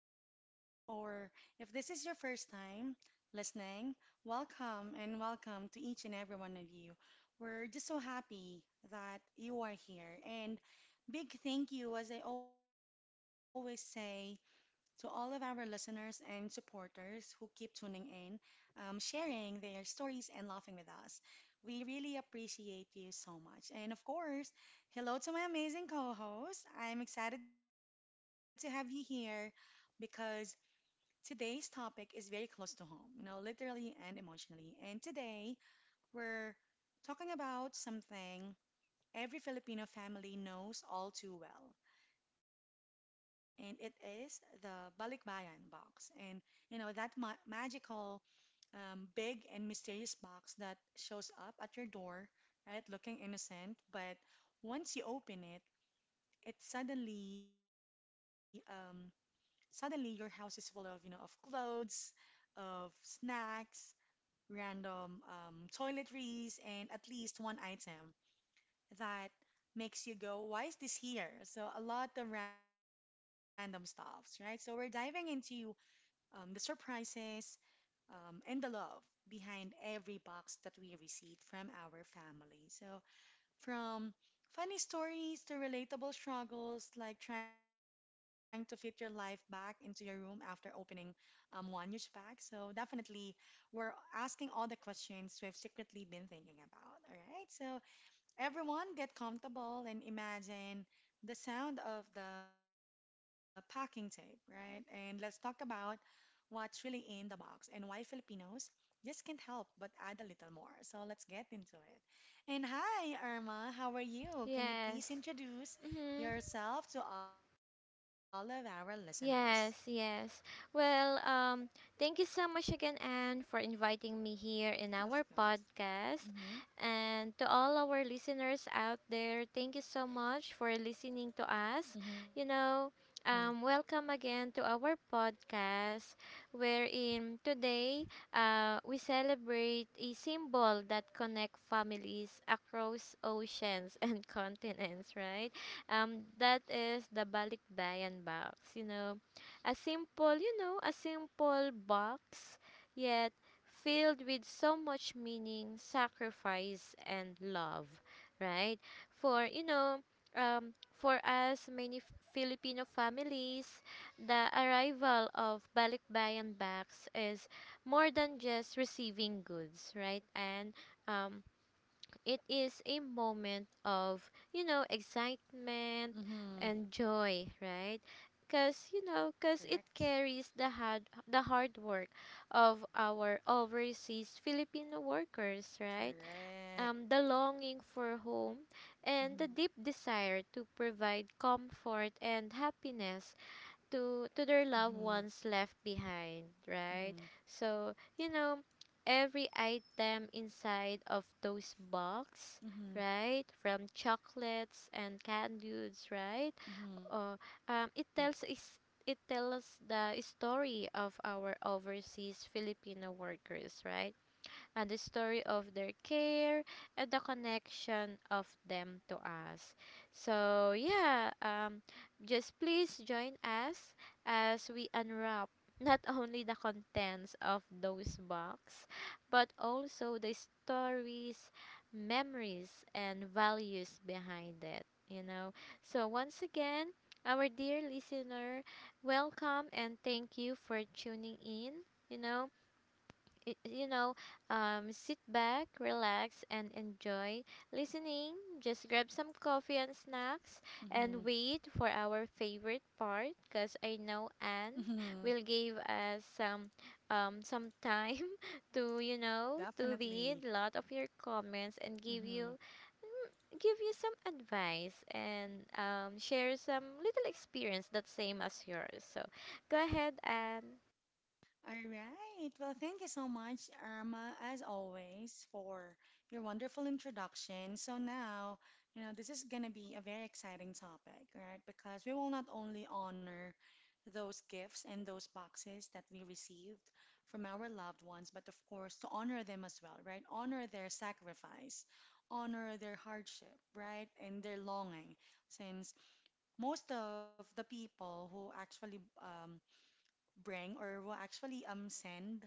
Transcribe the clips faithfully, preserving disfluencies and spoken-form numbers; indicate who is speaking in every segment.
Speaker 1: the podcast. Or if this is your first time listening, welcome and welcome to each and every one of you. We're just so happy that you are here. And big thank you, as I always say, to all of our listeners and supporters who keep tuning in, um, sharing their stories, and laughing with us. We really appreciate you so much. And of course, hello to my amazing co host. I'm excited to have you here because today's topic is very close to home, you know, literally and emotionally. And today, we're talking about something every Filipino family knows all too well and it is the Balikbayan box. And you know that ma- magical, um, big and mysterious box that shows up at your door, right, looking innocent, but once you open it, it suddenly, um, suddenly your house is full of you know of clothes, of snacks, random um, toiletries, and at least one item that makes you go, why is this here? So, a lot of random stuffs, right? So, we're diving into um, the surprises um, and the love behind every box that we receive from our family. So, from funny stories to relatable struggles, like trying to fit your life back into your room after opening um, one huge bag. So, definitely, we're asking all the questions we've secretly been thinking about. All right. So, everyone get comfortable and imagine the sound of the packing tape, right? And let's talk about what's really in the box and why Filipinos just can't help but add a little more. So let's get into it. And hi, Irma, how are you? Can you please
Speaker 2: Yes.
Speaker 1: introduce
Speaker 2: Mm-hmm.
Speaker 1: yourself to all of our listeners?
Speaker 2: Yes, yes. Well, um, Thank you so much again, Anne, for inviting me here in
Speaker 1: Of
Speaker 2: our
Speaker 1: course.
Speaker 2: podcast.
Speaker 1: Mm-hmm.
Speaker 2: And to all our listeners out there, thank you so much for listening to us.
Speaker 1: Mm-hmm.
Speaker 2: You know, um, Welcome again to our podcast, wherein today uh, we celebrate a symbol that connects families across oceans and continents, right? Um, that is the balikbayan box. You know, a simple, you know, a simple box, yet filled with so much meaning, sacrifice, and love, right? For you know, um, for us, many F- Filipino families, the arrival of balikbayan bags is more than just receiving goods, right? And um, it is a moment of, you know, excitement
Speaker 1: Mm-hmm.
Speaker 2: and joy, right? Cuz
Speaker 1: Correct.
Speaker 2: you know, cuz it carries the hard the hard work of our overseas Filipino workers, right?
Speaker 1: Correct.
Speaker 2: Um the longing for home and the
Speaker 1: Mm-hmm.
Speaker 2: deep desire to provide comfort and happiness
Speaker 1: Mm-hmm.
Speaker 2: to to their loved ones left behind,
Speaker 1: Mm-hmm.
Speaker 2: right? So, you know, every item inside of those box,
Speaker 1: Mm-hmm.
Speaker 2: right? From chocolates and candies, right?
Speaker 1: Mm-hmm.
Speaker 2: Or um, It tells is it tells the story of our overseas Filipino workers, right? And the story of their care and the connection of them to us. So, yeah, um, just please join us as we unwrap not only the contents of those box but also the stories, memories, and values behind it, you know. So once again, our dear listener, welcome and thank you for tuning in. you know y- you know, um, Sit back, relax, and enjoy listening. Just grab some coffee and snacks and
Speaker 1: Mm-hmm.
Speaker 2: wait for our favorite part, because I know Anne
Speaker 1: Mm-hmm.
Speaker 2: will give us some um, some time to, you know, to read
Speaker 1: Definitely.
Speaker 2: a lot of your comments and give you
Speaker 1: Mm-hmm.
Speaker 2: mm, give you some advice and um, share some little experience that's same as yours. So go ahead and
Speaker 1: All right. Well, thank you so much, Irma, as always, for your wonderful introduction. So now, you know, this is going to be a very exciting topic, right? Because we will not only honor those gifts and those boxes that we received from our loved ones, but of course, to honor them as well, right? Honor their sacrifice, honor their hardship, right? And their longing, since most of the people who actually um, bring or who actually um, send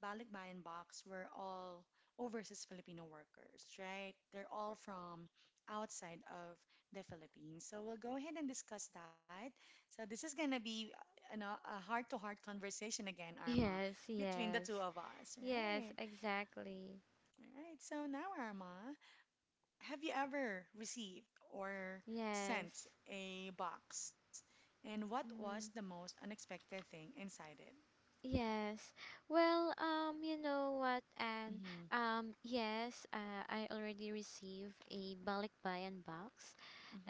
Speaker 1: balikbayan box were all overseas Filipino workers, right? They're all from outside of the Philippines. So we'll go ahead and discuss that. So this is gonna be, you know, a heart-to-heart conversation again, Arma,
Speaker 2: yes,
Speaker 1: between the
Speaker 2: yes.
Speaker 1: two of us,
Speaker 2: Yes,
Speaker 1: right?
Speaker 2: exactly.
Speaker 1: All right. So now, Arma, have you ever received or sent
Speaker 2: Yes.
Speaker 1: a box? And what was the
Speaker 2: Mm,
Speaker 1: most unexpected thing inside it?
Speaker 2: yes. Well, um, you know what, and
Speaker 1: Mm-hmm.
Speaker 2: um, yes, uh, I already received a balikbayan box.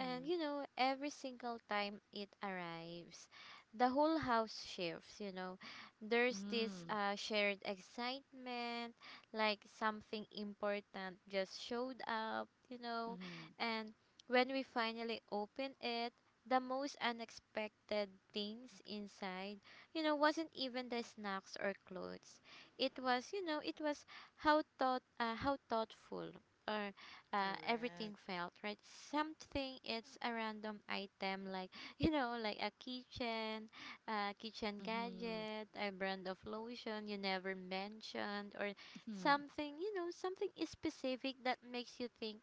Speaker 2: And you know, every single time it arrives, the whole house shifts, you know. There's this
Speaker 1: Mm-hmm.
Speaker 2: uh, shared excitement, like something important just showed up, you know.
Speaker 1: Mm-hmm.
Speaker 2: And when we finally open it, the most unexpected things inside, you know, wasn't even the snacks or clothes. It was, you know, it was how thought, uh, how thoughtful or uh, everything
Speaker 1: Correct.
Speaker 2: felt. Right, something, it's a random item, like you know, like a kitchen uh, kitchen
Speaker 1: Mm-hmm.
Speaker 2: gadget, a brand of lotion you never mentioned, or
Speaker 1: Mm-hmm.
Speaker 2: something, you know, something specific that makes you think,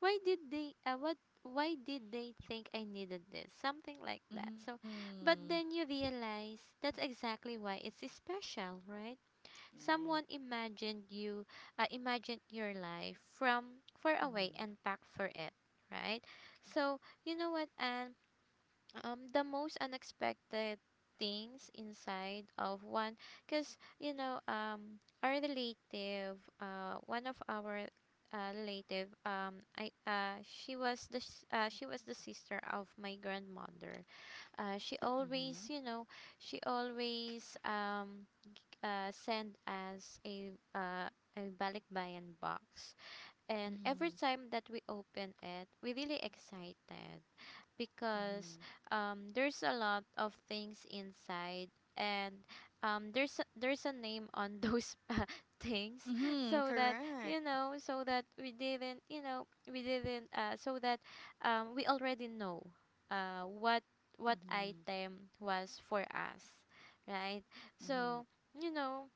Speaker 2: why did they uh, what why did they think I needed this, something like that. So but
Speaker 1: Mm-hmm.
Speaker 2: then you realize that's exactly why it's special, right? Someone
Speaker 1: Right.
Speaker 2: imagined you, uh, imagined your life from far away and
Speaker 1: Mm-hmm.
Speaker 2: back for it, right? So, you know what, and um, the most unexpected things inside of one, because, you know, um, our relative, uh, one of our uh, relative, um, I, uh, she was the, s- uh, she was the sister of my grandmother. Uh, she
Speaker 1: Mm-hmm.
Speaker 2: always, you know, she always, um, uh, send us a uh, a balikbayan box. And every
Speaker 1: Mm-hmm.
Speaker 2: time that we open it, we really excited because
Speaker 1: Mm-hmm.
Speaker 2: um, there's a lot of things inside, and um, there's a- there's a name on those uh, things,
Speaker 1: Mm-hmm.
Speaker 2: so that
Speaker 1: Correct.
Speaker 2: you know, so that we didn't you know we didn't uh, so that um, we already know uh, what what
Speaker 1: Mm-hmm.
Speaker 2: item was for us, right?
Speaker 1: Mm-hmm.
Speaker 2: So you know,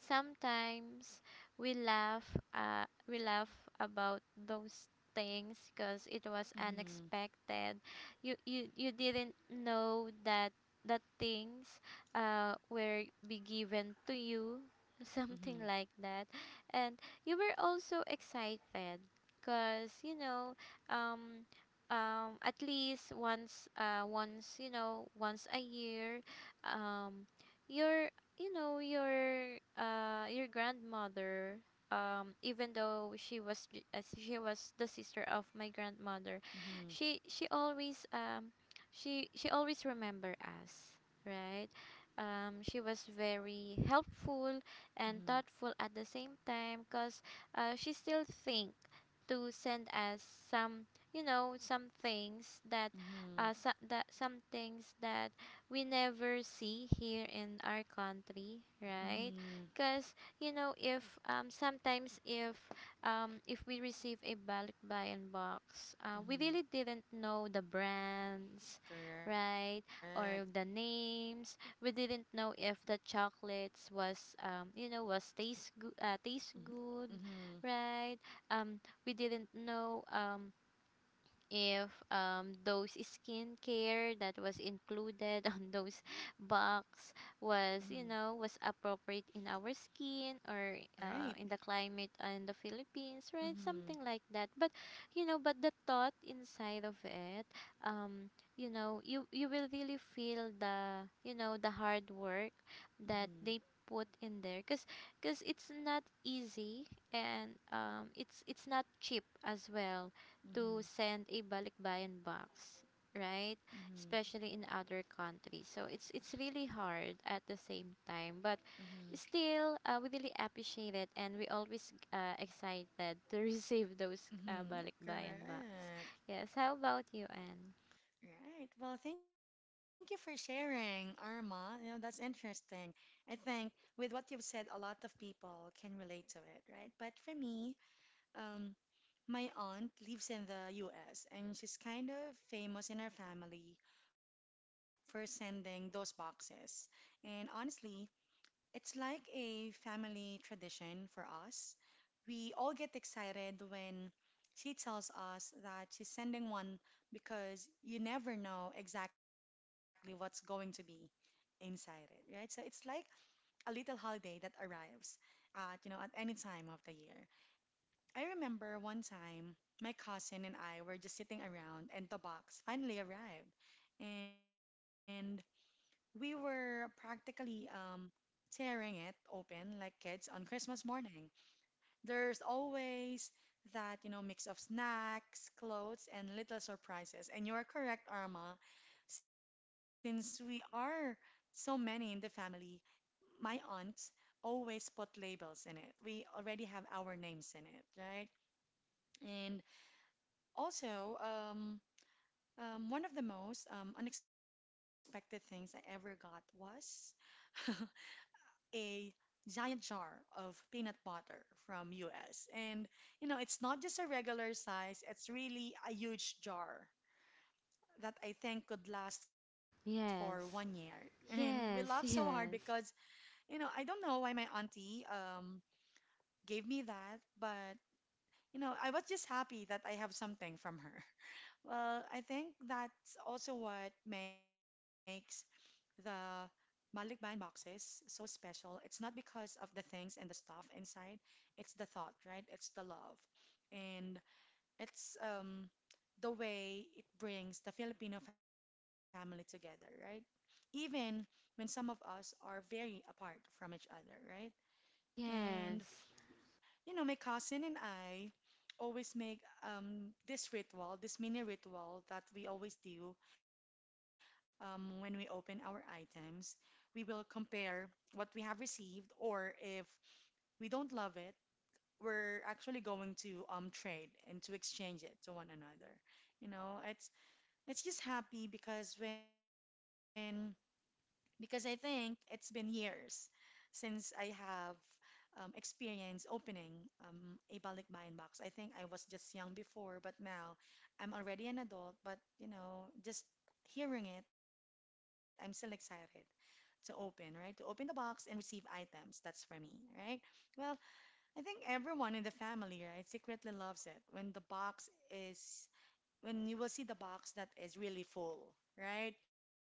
Speaker 2: sometimes we laugh, uh, we laugh about those things because it was
Speaker 1: Mm-hmm.
Speaker 2: unexpected. You, you you didn't know that that things uh, were be given to you, something
Speaker 1: Mm-hmm.
Speaker 2: like that. And you were also excited because you know, um um at least once uh once, you know, once a year, um your you know your uh your grandmother, um even though she was j- as she was the sister of my grandmother, she she
Speaker 1: Mm-hmm.
Speaker 2: always, um she she always remember us, right? Um she was very helpful and thoughtful at the same time, because uh, she still think to send us some, you know, some things that uh so, that
Speaker 1: Mm-hmm.
Speaker 2: some things that we never see here in our country, right? Because
Speaker 1: Mm-hmm.
Speaker 2: you know, if um, sometimes if um, if we receive a balik bayan box, uh, we really didn't
Speaker 1: Mm-hmm.
Speaker 2: know the brands, right, or
Speaker 1: Correct.
Speaker 2: the names. We didn't know if the chocolates was um, you know, was taste good, uh, taste good, right?
Speaker 1: Mm-hmm.
Speaker 2: Um, we didn't know um if um, those skincare that was included on those box was, you know, was
Speaker 1: Mhm.
Speaker 2: appropriate in our skin, or uh, in the climate
Speaker 1: Right.
Speaker 2: in the Philippines, right, something like that. But
Speaker 1: Mhm.
Speaker 2: you know, but the thought inside of it, um you know, you you will really feel the, you know, the hard work that they put
Speaker 1: Mhm.
Speaker 2: in there. because because it's not easy, and um it's it's not cheap as well to send a
Speaker 1: Mhm.
Speaker 2: balikbayan box, right? Especially in other
Speaker 1: Mhm.
Speaker 2: countries. So it's it's really hard at the same time, but still
Speaker 1: Mhm.
Speaker 2: uh, we really appreciate it, and we always uh, excited to receive those uh, balikbayan box.
Speaker 1: Mhm.
Speaker 2: Yes, how
Speaker 1: Correct.
Speaker 2: about you, Anne?
Speaker 1: Right. Well, thank you for sharing, Arma. You know, that's interesting. I think with what you've said, a lot of people can relate to it, right? But for me, um, my aunt lives in the U S and she's kind of famous in her family for sending those boxes. And honestly, it's like a family tradition for us. We all get excited when she tells us that she's sending one because you never know exactly what's going to be inside it, right? So it's like a little holiday that arrives at, you know, at any time of the year. I remember one time my cousin and I were just sitting around and the box finally arrived. And we were practically um, tearing it open like kids on Christmas morning. There's always that, you know, mix of snacks, clothes, and little surprises. And you are correct, Arma, since we are so many in the family, my aunt always put labels in it. We already have our names in it, right? And also, um, um, one of the most um, unexpected things I ever got was a giant jar of peanut butter from U S. And you know, it's not just a regular size, it's really a huge jar that I think could last for one year.
Speaker 2: Yes.
Speaker 1: And we laugh so hard
Speaker 2: Yes,
Speaker 1: because,
Speaker 2: yes.
Speaker 1: you know, I don't know why my auntie um gave me that, but you know, I was just happy that I have something from her. Well, I think that's also what makes. The Malikbayan box is so special. It's not because of the things and the stuff inside. It's the thought, right? It's the love. And it's um, the way it brings the Filipino family together, right? Even when some of us are very apart from each other, right? And
Speaker 2: Yes.
Speaker 1: you know, my cousin and I always make um, this ritual, this mini ritual that we always do um, when we open our items. We will compare what we have received, or if we don't love it, we're actually going to um, trade and to exchange it to one another. You know, it's it's just happy because when because I think it's been years since I have um, experienced opening um, a balikbayan box. I think I was just young before, but now I'm already an adult. But you know, just hearing it, I'm still excited to open, right? To open the box and receive items. That's for me, right? Well, I think everyone in the family, right, secretly loves it when the box is when you will see the box that is really full, right?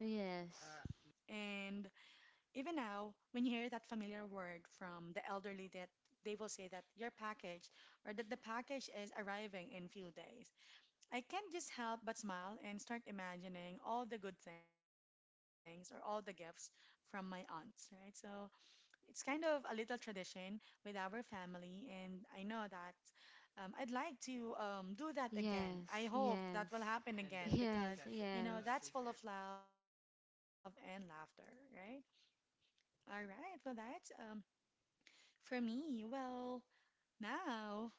Speaker 2: Yes.
Speaker 1: And even now, when you hear that familiar word from the elderly that they will say that your package or that the package is arriving in few days, I can't just help but smile and start imagining all the good things or all the gifts from my aunts, right? So it's kind of a little tradition with our family, and I know that um, I'd like to um, do that again. I
Speaker 2: Yes,
Speaker 1: hope that will
Speaker 2: yes.
Speaker 1: happen again
Speaker 2: Yes,
Speaker 1: because, you
Speaker 2: yes.
Speaker 1: know, that's full of love and laughter, right? All right. Well, that's um for me. Well, now,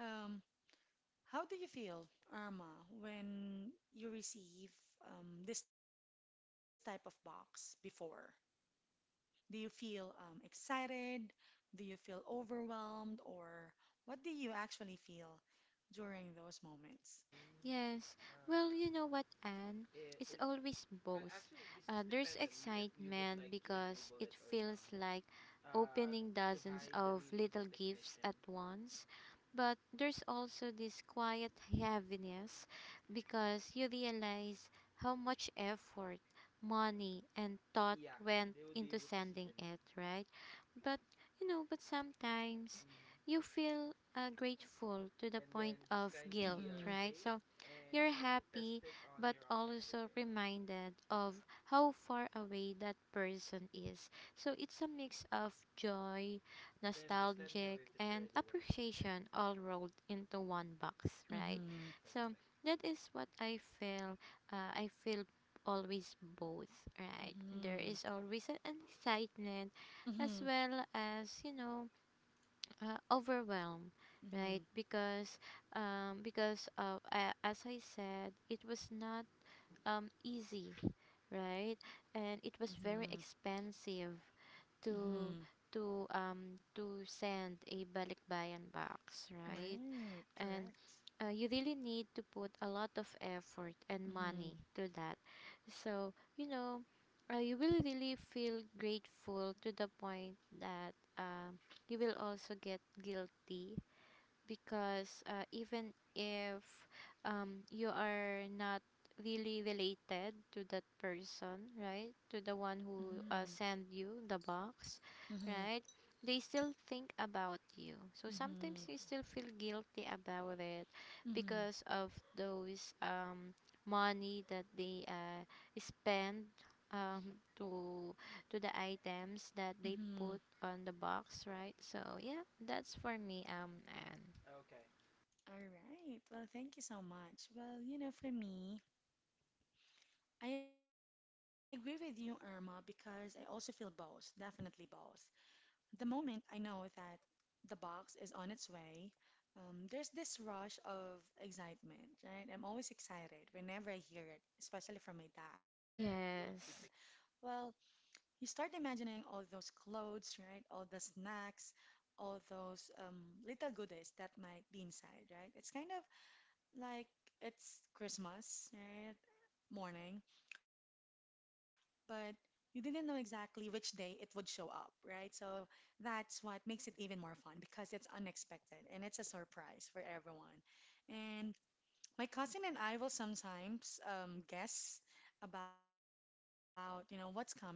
Speaker 1: um, how do you feel, Irma, when you receive um, this type of box before? Do you feel um, excited? Do you feel overwhelmed? Or what do you actually feel during those moments?
Speaker 2: Yes. Well, you know what, Anne? It's always both. Uh, there's excitement because it feels like opening dozens of little gifts at once. But there's also this quiet heaviness because you realize how much effort, money, and thought went into sending it, right? But you know, but sometimes you feel uh, grateful to the point of guilt,
Speaker 1: Mm-hmm.
Speaker 2: right? So you're happy, but also reminded of how far away that person is. So it's a mix of joy, nostalgic, and appreciation all rolled into one box, right?
Speaker 1: Mm-hmm.
Speaker 2: So that is what I feel. Uh, I feel always both, right? There
Speaker 1: Mm-hmm.
Speaker 2: is always an excitement as
Speaker 1: Mm-hmm.
Speaker 2: well as, you know, uh, overwhelm, right?
Speaker 1: Mm-hmm.
Speaker 2: Because um, because of uh, as I said, it was not um, easy, right?
Speaker 1: Mm-hmm.
Speaker 2: And it was very expensive
Speaker 1: Mm-hmm.
Speaker 2: to to um to send a balikbayan box, right?
Speaker 1: Right.
Speaker 2: And
Speaker 1: Correct.
Speaker 2: uh, you really need to put a lot of effort and
Speaker 1: Mm-hmm.
Speaker 2: money to that. So, you know, uh, you will really feel grateful to the point that um, you will also get guilty because uh, even if um, you are not really related to that person, right? To
Speaker 1: Mm-hmm.
Speaker 2: the one who uh, sent you the box,
Speaker 1: Mm-hmm.
Speaker 2: right? They still think about you. So sometimes
Speaker 1: Mm-hmm.
Speaker 2: you still feel guilty about it
Speaker 1: Mm-hmm.
Speaker 2: because of those um, money that they uh, spend um, to to the items that they
Speaker 1: Mm-hmm.
Speaker 2: put on the box, right? So yeah, that's for me, um, and
Speaker 1: All right. Well, thank you so much. Well, you know, for me, I agree with you, Irma, because I also feel both, definitely both. The moment I know that the box is on its way, um, there's this rush of excitement, right? I'm always excited whenever I hear it, especially from my dad. Well,
Speaker 2: yes.
Speaker 1: you start imagining all those clothes, right? All the snacks, all those um, little goodies that might be inside, right? It's kind of like it's Christmas, right? Morning, but you didn't know exactly which day it would show up, right? So that's what makes it even more fun because it's unexpected and it's a surprise for everyone. And my cousin and I will sometimes um, guess about, you know, what's coming. And honestly,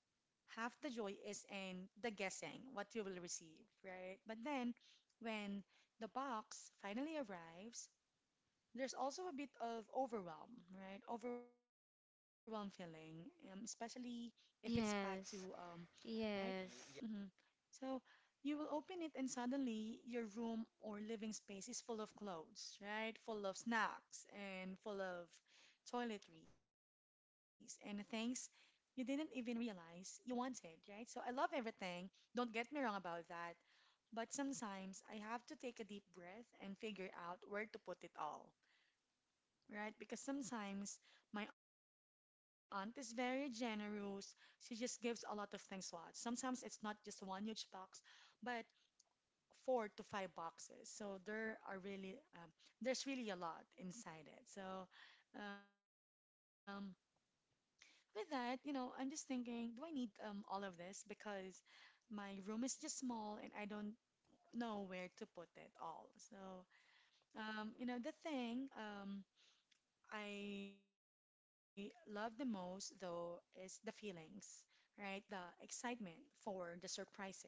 Speaker 1: half the joy is in the guessing what you will receive, right? But then when the box finally arrives, there's also a bit of overwhelm, right? Overwhelm feeling, um, especially if it's packed to, um,
Speaker 2: Yes.
Speaker 1: right?
Speaker 2: Yes.
Speaker 1: Hmm. So you will open it, and suddenly your room or living space is full of clothes, right? Full of snacks and full of toiletries and things you didn't even realize you wanted, right? So I love everything. Don't get me wrong about that. But sometimes I have to take a deep breath and figure out where to put it all right? Because sometimes my aunt is very generous. She just gives a lot of things a lot. Sometimes it's not just one huge box, but four to five boxes. So there are really um, there's really a lot inside it. So um, with that, you know, I'm just thinking, do I need um, all of this? Because my room is just small and I don't know where to put it all. So um, you know, the thing um, I love the most, though, is the feelings, right? The excitement for the surprises.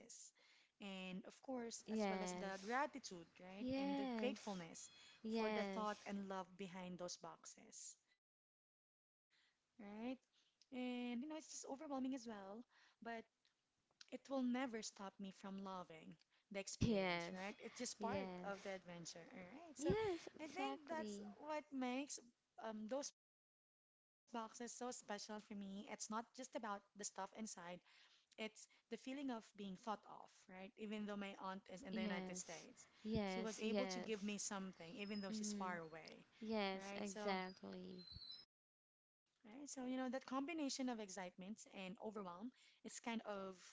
Speaker 1: And of course,
Speaker 2: y-
Speaker 1: as well as the
Speaker 2: Yes.
Speaker 1: gratitude, right? And the
Speaker 2: Yes.
Speaker 1: gratefulness for the
Speaker 2: Yes.
Speaker 1: thought and love behind those boxes, right? And, you know, it's just overwhelming as well. But it will never stop me from loving the experience,
Speaker 2: Yes.
Speaker 1: right? It's just part
Speaker 2: Yes.
Speaker 1: of the adventure, all right? So
Speaker 2: Yes,
Speaker 1: I think that's
Speaker 2: exactly.
Speaker 1: what makes um, those boxes so special for me. It's not just about the stuff inside, it's the feeling of being thought of, right? Even though my aunt is in the United
Speaker 2: Yes.
Speaker 1: States, she was
Speaker 2: Yes,
Speaker 1: able to
Speaker 2: yes.
Speaker 1: give me something, even though she's
Speaker 2: Mm.
Speaker 1: far away,
Speaker 2: Yes,
Speaker 1: right? So
Speaker 2: exactly.
Speaker 1: right? So, you know, that combination of excitement and overwhelm is kind of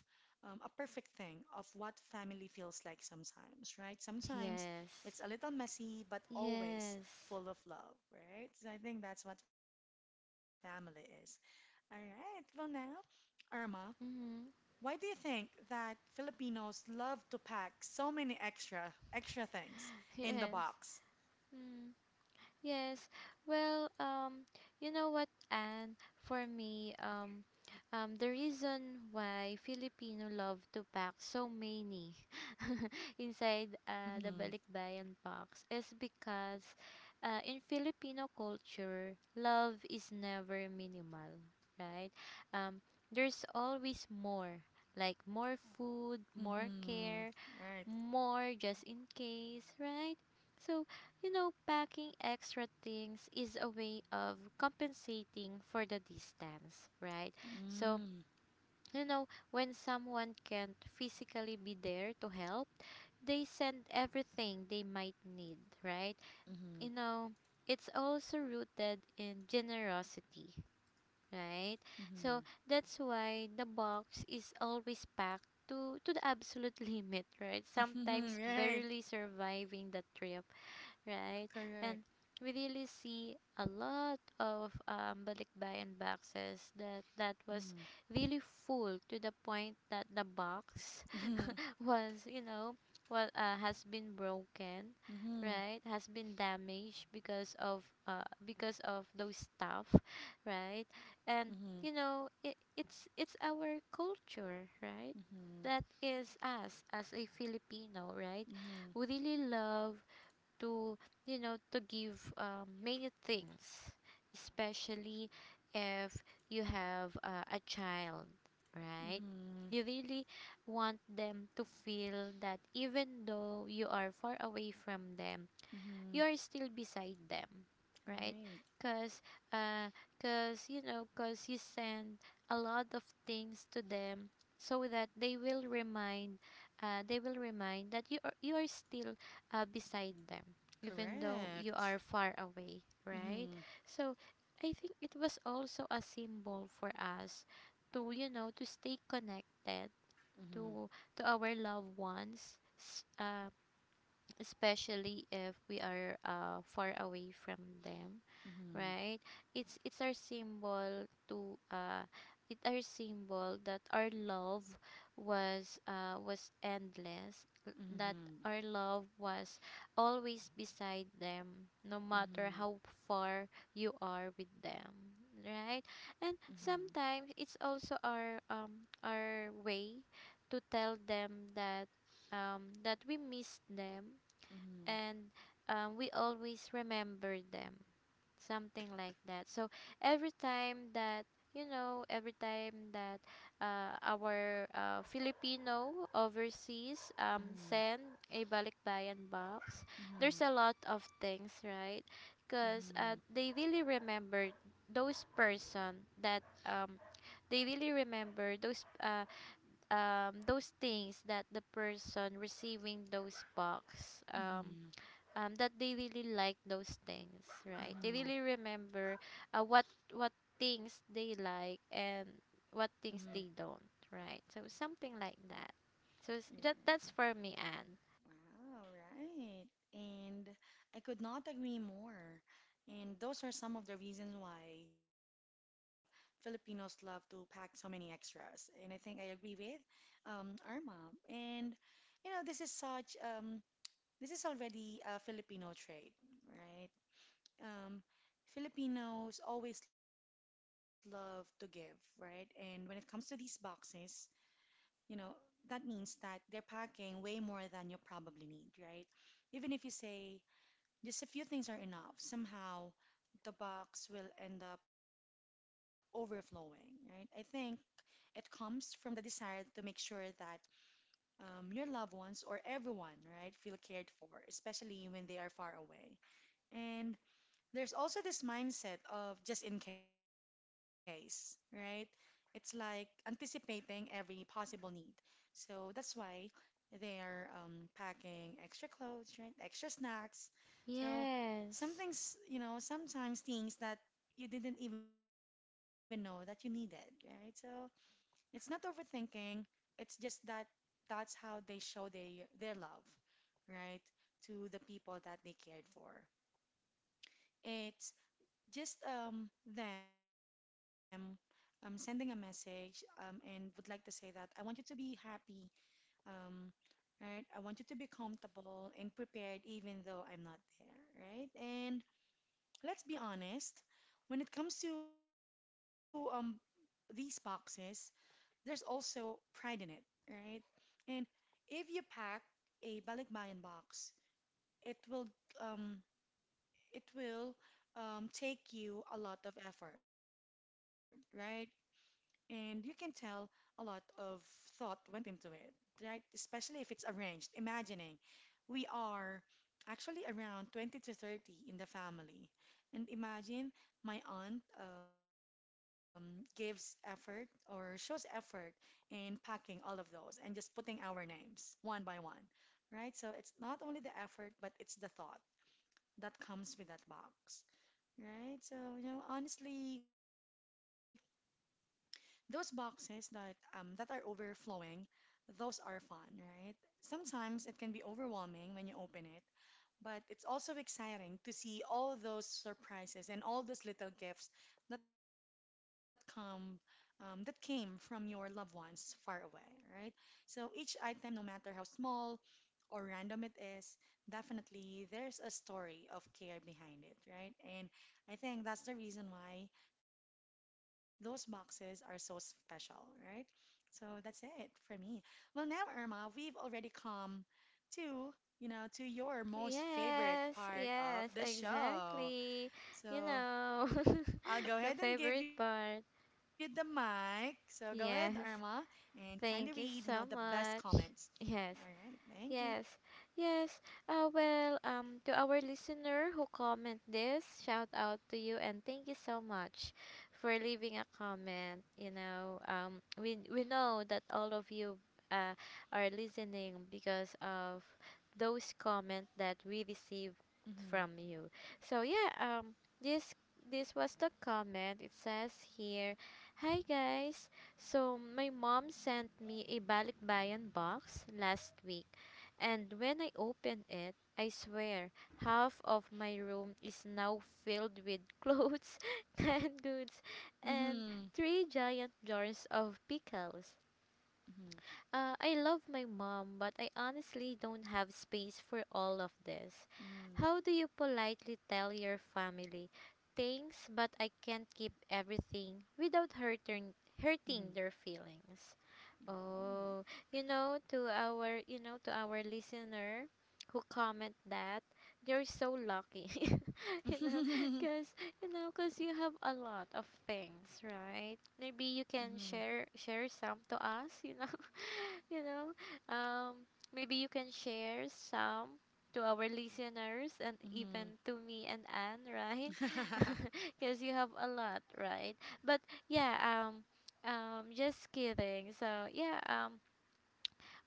Speaker 1: um, a perfect thing of what family feels like sometimes, right? Sometimes it's a
Speaker 2: Yes.
Speaker 1: little messy, but always
Speaker 2: Yes.
Speaker 1: full of love, right? So I think that's what family is. All right, well, now, Irma,
Speaker 2: Mm.
Speaker 1: why do you think that Filipinos love to pack so many extra, extra things in the
Speaker 2: Yes.
Speaker 1: box?
Speaker 2: Mm. Yes. Well, um, you know what, Anne? For me, um, um, the reason why Filipino love to pack so many inside uh, the
Speaker 1: Mm-hmm.
Speaker 2: balikbayan box is because uh, in Filipino culture, love is never minimal, right? Um, there's always more, like more food, more
Speaker 1: Mm-hmm.
Speaker 2: care,
Speaker 1: Right.
Speaker 2: more just in case, right? So, you know, packing extra things is a way of compensating for the distance, right? So,
Speaker 1: Mm.
Speaker 2: you know, when someone can't physically be there to help, they send everything they might need, right?
Speaker 1: Mm-hmm.
Speaker 2: You know, it's also rooted in generosity,
Speaker 1: Mm-hmm.
Speaker 2: right? So that's why the box is always packed to to the absolute limit, right?
Speaker 1: Mhm.
Speaker 2: Sometimes
Speaker 1: Right,
Speaker 2: barely surviving the trip, right? And
Speaker 1: correct.
Speaker 2: we really see a lot of um, balikbayan boxes
Speaker 1: Mhm,
Speaker 2: that that was really full to the point that the box
Speaker 1: mhm,
Speaker 2: was you know what uh, has been broken,
Speaker 1: mhm,
Speaker 2: right, has been damaged because of uh, because of those stuff,
Speaker 1: mhm,
Speaker 2: right. And you know it, it's it's our culture, right? That is us as a Filipino, right?
Speaker 1: mhm,
Speaker 2: We really love to you know to give um, many things, especially if you have uh, a child,
Speaker 1: mhm,
Speaker 2: right?
Speaker 1: mhm,
Speaker 2: You really want them to feel that even though you are far away from them,
Speaker 1: mhm.
Speaker 2: you're still beside them, right?
Speaker 1: Right,
Speaker 2: Because uh because you know because you send a lot of things to them so that they will remind, uh, they will remind that you are, you are still uh, beside them even though you
Speaker 1: correct.
Speaker 2: are far away, right?
Speaker 1: Mhm,
Speaker 2: So I think it was also a symbol for us to you know to stay connected
Speaker 1: mhm,
Speaker 2: to to our loved ones, s- uh, especially if we are uh, far away from them,
Speaker 1: mhm,
Speaker 2: right? It's it's our symbol to uh it our symbol that our love was uh was endless, l-
Speaker 1: mhm,
Speaker 2: that
Speaker 1: mhm,
Speaker 2: our love was always beside them, no
Speaker 1: mhm, mhm,
Speaker 2: matter
Speaker 1: mhm, mhm,
Speaker 2: how far you are with them, right? And sometimes it's also our um our way to tell them that um that we miss them. And um, we always remember them, something like that. So every time that, you know every time that uh, our uh, Filipino overseas um, send a balikbayan box, there's a lot of things, right? Because uh, they really remember those person that um, they really remember those uh, um, those things that the person receiving those box, um, um, that they really like those things,
Speaker 1: mhm,
Speaker 2: right?
Speaker 1: mhm,
Speaker 2: They
Speaker 1: mhm,
Speaker 2: really remember uh, what what things they like and
Speaker 1: mhm.
Speaker 2: what things they don't, right? So something like that. So s- that
Speaker 1: Yeah.
Speaker 2: that's for me, Anne.
Speaker 1: Wow, right. And I could not agree more. And those are some of the reasons why Filipinos love to pack so many extras. And I think I agree with um, Irma. And you know, this is such um, this is already a Filipino trait, right? Um, Filipinos always love to give, right? And when it comes to these boxes, you know, that means that they're packing way more than you probably need, right? Even if you say just a few things are enough, somehow the box will end up overflowing, right? I think it comes from the desire to make sure that um, your loved ones or everyone, right, feel cared for, especially when they are far away. And there's also this mindset of just in case, right? It's like anticipating every possible need. So that's why they're um, packing extra clothes, right? Extra snacks. So some
Speaker 2: Yes.
Speaker 1: things, you know, sometimes things that you didn't even know that you needed, right? So it's not overthinking. It's just that that's how they show they, their love, right? To the people that they cared for. It's just um, them um, sending a message um, and would like to say that I want you to be happy. Um, right? I want you to be comfortable and prepared even though I'm not there, right? And let's be honest, when it comes to um these boxes, there's also pride in it, right? And if you pack a balikbayan box, it will um it will um, take you a lot of effort, right? And you can tell a lot of thought went into it, right? Especially if it's arranged, imagining we are actually around twenty to thirty in the family. And imagine my aunt um, gives effort or shows effort in packing all of those and just putting our names one by one, right? So it's not only the effort, but it's the thought that comes with that box, right? So, you know, honestly, those boxes that um, that are overflowing, those are fun, right? Sometimes it can be overwhelming when you open it, but it's also exciting to see all those surprises and all those little gifts that come um, that came from your loved ones far away, right? So each item, no matter how small, or random it is, definitely there's a story of care behind it, right? And I think that's the reason why those boxes are so special, right? So that's it for me. Well, now, Irma, we've already come to, you know, to your most favorite
Speaker 2: Yes,
Speaker 1: part of
Speaker 2: yes,
Speaker 1: the show.
Speaker 2: exactly. You
Speaker 1: So
Speaker 2: know,
Speaker 1: I'll go
Speaker 2: the
Speaker 1: ahead and give
Speaker 2: favorite
Speaker 1: you the
Speaker 2: part.
Speaker 1: mic. So go ahead, Irma,
Speaker 2: Yes.
Speaker 1: and kindly read, you know,
Speaker 2: Thank
Speaker 1: the
Speaker 2: you
Speaker 1: best
Speaker 2: so
Speaker 1: comments.
Speaker 2: much.
Speaker 1: All
Speaker 2: Yes.
Speaker 1: right. Thank you.
Speaker 2: Yes, yes. Uh, well, um, to our listener who comment this, shout out to you and thank you so much for leaving a comment. You know, um, we we know that all of you uh, are listening because of those comments that we receive from you. So yeah, um, this this was the comment. It says here, "Hi guys, so my mom sent me a balikbayan box last week and when I open it, I swear half of my room is now filled with clothes,
Speaker 1: Mm-hmm.
Speaker 2: canned
Speaker 1: Mm-hmm.
Speaker 2: goods, and three giant jars of pickles.
Speaker 1: Mhm.
Speaker 2: Uh, I love my mom, but I honestly don't have space for all of this.
Speaker 1: Mhm.
Speaker 2: How do you politely tell your family things, but I can't keep everything without
Speaker 1: Mhm.
Speaker 2: hurting, hurting their feelings?"
Speaker 1: Mhm.
Speaker 2: Oh, you know, to our, you know, to our listener who comment that, you're so lucky. You know, cuz you know, cuz you have a lot of things, right?
Speaker 1: Mhm.
Speaker 2: Maybe you can share share some to us, you know. You know, um maybe you can share some to our listeners and
Speaker 1: Mhm.
Speaker 2: even to me and Anne, right? Cuz you have a lot, right? But yeah, um um, just kidding. So yeah, um,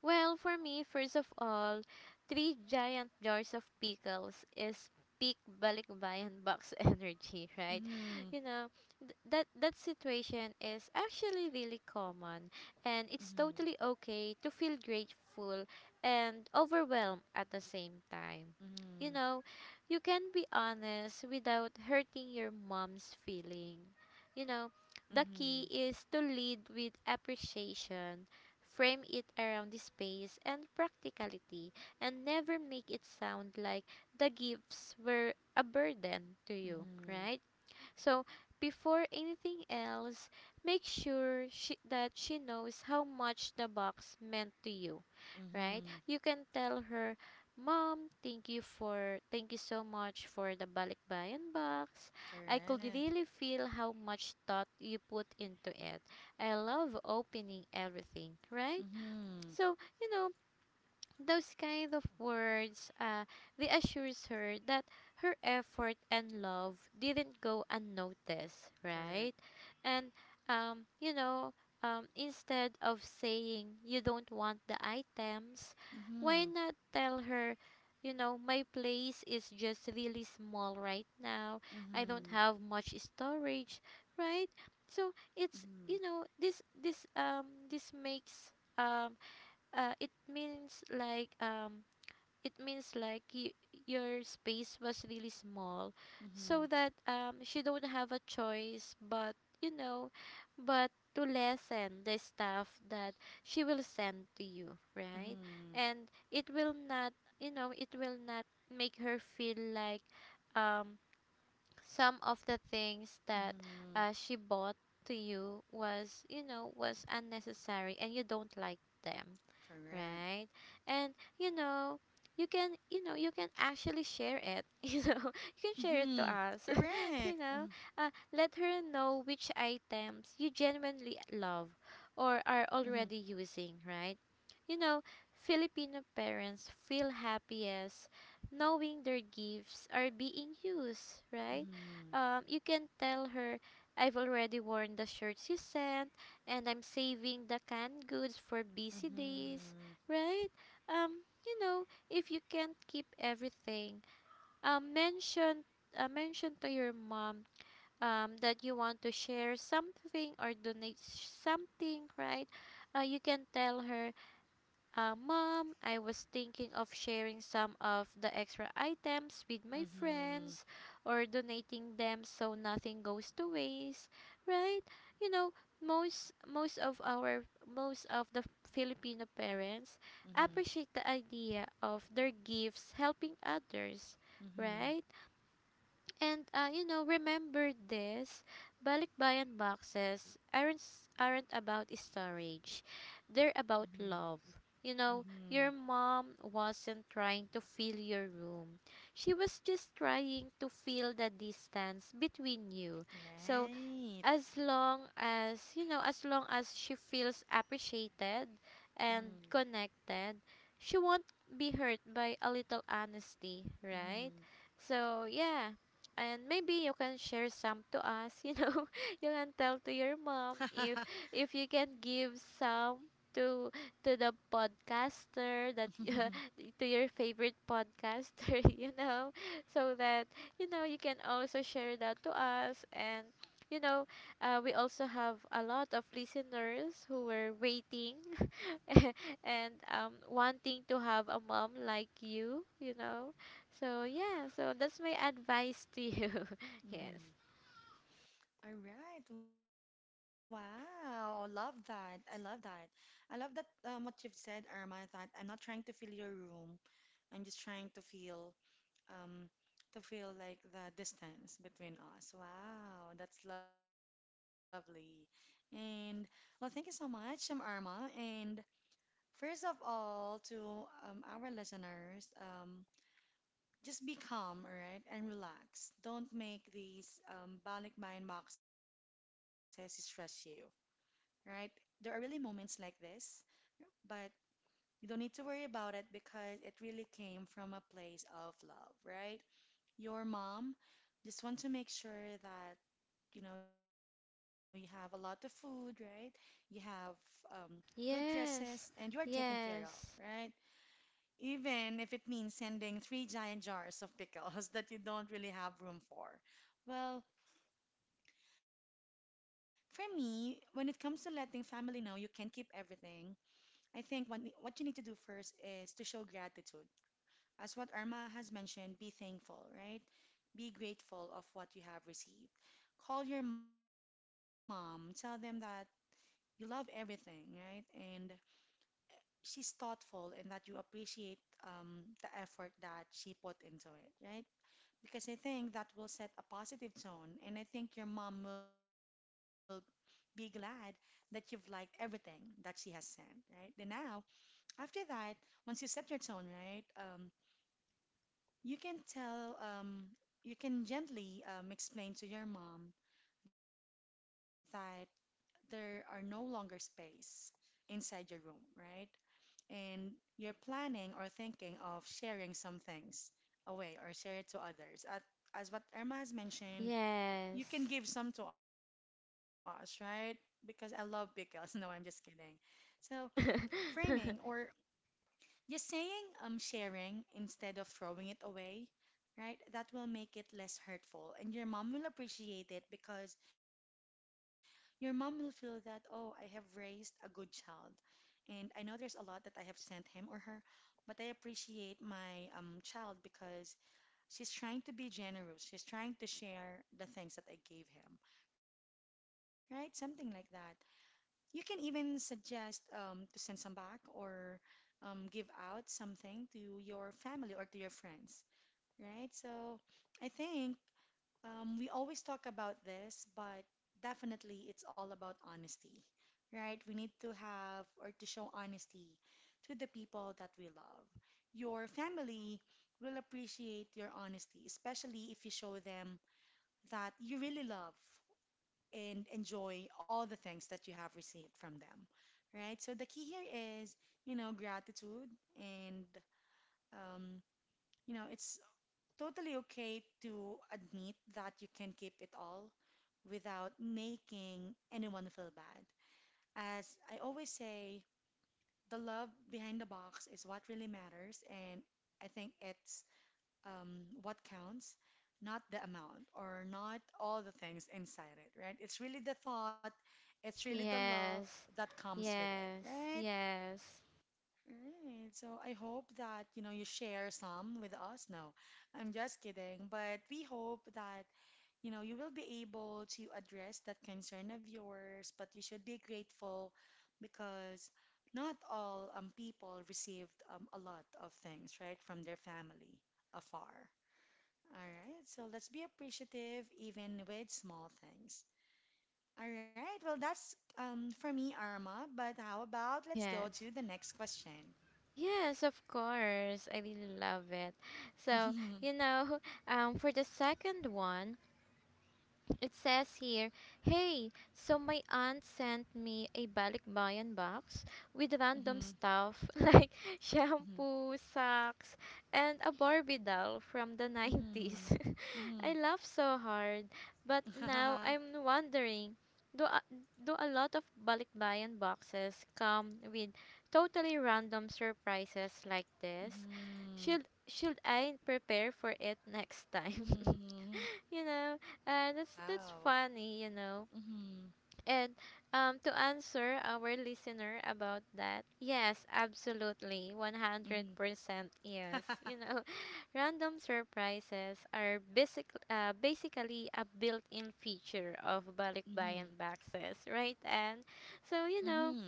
Speaker 2: well, for me, first of all, three giant jars of pickles is peak balikbayan box energy, right?
Speaker 1: Mhm.
Speaker 2: You know, th- that that situation is actually really common, and it's
Speaker 1: Mhm.
Speaker 2: totally okay to feel grateful and overwhelmed at the same time. You
Speaker 1: Mhm.
Speaker 2: know, you can be honest without hurting your mom's feeling. You know, the key is to lead with appreciation, frame it around the space and practicality, and never make it sound like the gifts were a burden to
Speaker 1: Mhm.
Speaker 2: you,
Speaker 1: Mhm.
Speaker 2: right? So, before anything else, make sure she, that she knows how much the box meant to you, right?
Speaker 1: Mhm.
Speaker 2: You can tell her, Mom, thank you for thank you so much for the balikbayan box. I could
Speaker 1: Correct.
Speaker 2: really feel how much thought you put into it. I love opening everything, right?
Speaker 1: Mhm.
Speaker 2: So, you know, those kind of words, uh, they assures her that her effort and love didn't go unnoticed, right?
Speaker 1: Correct.
Speaker 2: And, um, you know, um, instead of saying you don't want the items, why
Speaker 1: Mhm.
Speaker 2: not tell her, you know, my place is just really small right now. I don't
Speaker 1: Mhm.
Speaker 2: have much storage, right?
Speaker 1: Mhm.
Speaker 2: So it's, you know, this this um this makes um uh, it means like, um it means like y- your space was really small,
Speaker 1: Mhm.
Speaker 2: so that um she don't have a choice but, you know, but to lessen the stuff that she will send to you, right?
Speaker 1: Mhm.
Speaker 2: And it will not, you know, it will not make her feel like um some of the things that
Speaker 1: Mhm.
Speaker 2: uh, she bought to you was, you know, was unnecessary and you don't like them,
Speaker 1: Correct.
Speaker 2: right? And you know, you can, you know, you can actually share it you know, you can share it to
Speaker 1: Mhm.
Speaker 2: us.
Speaker 1: Correct.
Speaker 2: You know,
Speaker 1: Mhm.
Speaker 2: uh, let her know which items you genuinely love or
Speaker 1: Mhm.
Speaker 2: are already using, right? You know, Filipino parents feel happiest knowing their gifts are being used, right?
Speaker 1: Mhm.
Speaker 2: um, you can tell her, I've already worn the shirts you sent and I'm saving the canned goods for busy days,
Speaker 1: Mhm.
Speaker 2: right? Um, you know, if you can't keep everything, um, mention, uh, mention to your mom um, that you want to share something or donate s- something, right? Uh, you can tell her, uh, Mom, I was thinking of sharing some of the extra items with my friends
Speaker 1: Mhm.
Speaker 2: or donating them so nothing goes to waste, right? You know, most most of our most of the Filipino parents appreciate the
Speaker 1: Mhm.
Speaker 2: idea of their gifts helping others, right?
Speaker 1: Mhm.
Speaker 2: And uh, you know, remember this, balikbayan boxes aren't s- aren't about storage. They're about love.
Speaker 1: Mhm.
Speaker 2: You know, your
Speaker 1: Mm-hmm.
Speaker 2: mom wasn't trying to fill your room. She was just trying to fill the distance between you. So as
Speaker 1: Right.
Speaker 2: long as you know as long as she feels appreciated and
Speaker 1: Mm.
Speaker 2: connected, she won't be hurt by a little honesty, right?
Speaker 1: Mm-hmm.
Speaker 2: So yeah, and maybe you can share some to us. You know, you can tell to your mom if if you can give some to to the podcaster that, to your favorite podcaster. You know, so that, you know, you can also share that to us. And you know, uh, we also have a lot of listeners who were waiting and um, wanting to have a mom like you, you know. So, yeah, so that's my advice to you. Yes.
Speaker 1: Mm-hmm. All right. Wow. Love that. I love that. I love that um what you've said, Irma, that I'm not trying to fill your room. I'm just trying to feel um to feel like the distance between us. Wow, that's lovely. And well, thank you so much, I'm Irma. And first of all, to um, our listeners, um, just be calm, all right, and relax. Don't make these um, balik mind boxes stress you, right? There are really moments like this, but you don't need to worry about it because it really came from a place of love, right? Your mom just want to make sure that you know you have a lot of food, right? You have um, good dresses, and you
Speaker 2: Yes.
Speaker 1: are taken care of, right? Even if it means sending three giant jars of pickles that you don't really have room for. Well, for me, when it comes to letting family know you can keep everything, I think one, what you need to do first is to show gratitude. As what Irma has mentioned, be thankful, right? Be grateful of what you have received. Call your mom, tell them that you love everything, right? And she's thoughtful and that you appreciate um, the effort that she put into it, right? Because I think that will set a positive tone. And I think your mom will be glad that you've liked everything that she has said, right? Then now, after that, once you set your tone, right, um, you can tell, um, you can gently um, explain to your mom that there are no longer space inside your room, right? And you're planning or thinking of sharing some things away or share it to others. At, as what Irma has mentioned, you can
Speaker 2: Yes.
Speaker 1: give some to us, right? Because I love pickles. No, I'm just kidding. So,
Speaker 2: Yes.
Speaker 1: framing or just saying um sharing instead of throwing it away, right? That will make it less hurtful and your mom will appreciate it because your mom will feel that, "Oh, I have raised a good child." And I know there's a lot that I have sent him or her, but I appreciate my um child because she's trying to be generous. She's trying to share the things that I gave him right? Something like that. You can even suggest um, to send some back or um, give out something to your family or to your friends, right? So I think um, we always talk about this, but definitely it's all about honesty, right? We need to have or to show honesty to the people that we love. Your family will appreciate your honesty, especially if you show them that you really love and enjoy all the things that you have received from them, right? So the key here is, you know, gratitude and, um, you know, it's totally okay to admit that you can keep it all without making anyone feel bad. As I always say, the love behind the box is what really matters, and I think it's um, what counts, not the amount or not all the things inside it, right? It's really the thought, it's really the love
Speaker 2: Yes.
Speaker 1: that comes with it,
Speaker 2: Yes.
Speaker 1: right?
Speaker 2: Yes.
Speaker 1: Right. So I hope that, you know, you share some with us. No, I'm just kidding. But we hope that, you know, you will be able to address that concern of yours, but you should be grateful because not all um, people received um, a lot of things, right, from their family afar. All right, so let's be appreciative even with small things. All right, well, that's um, for me, Arma. But how about let's go
Speaker 2: Yes.
Speaker 1: to the next question?
Speaker 2: Yes, of course. I really love it. So, you
Speaker 1: Mhm,
Speaker 2: know, um, for the second one, it says here, hey, so my aunt sent me a balikbayan box with random
Speaker 1: mhm,
Speaker 2: stuff like
Speaker 1: mhm,
Speaker 2: shampoo, socks, and a Barbie doll from the nineties.
Speaker 1: mhm,
Speaker 2: I
Speaker 1: mhm.
Speaker 2: laughed so hard, but now I'm wondering, do a, do a lot of balikbayan boxes come with totally random surprises like this?
Speaker 1: Mhm,
Speaker 2: Should should I prepare for it next time?
Speaker 1: mhm.
Speaker 2: You know, uh, that's that's
Speaker 1: Wow.
Speaker 2: funny, you know.
Speaker 1: Mhm,
Speaker 2: And um, to answer our listener about that, yes, absolutely,
Speaker 1: mhm.
Speaker 2: one hundred percent yes. You know, random surprises are basic, uh, basically a built-in feature of
Speaker 1: Mhm,
Speaker 2: Balikbayan boxes, right? And so, you know,
Speaker 1: mhm,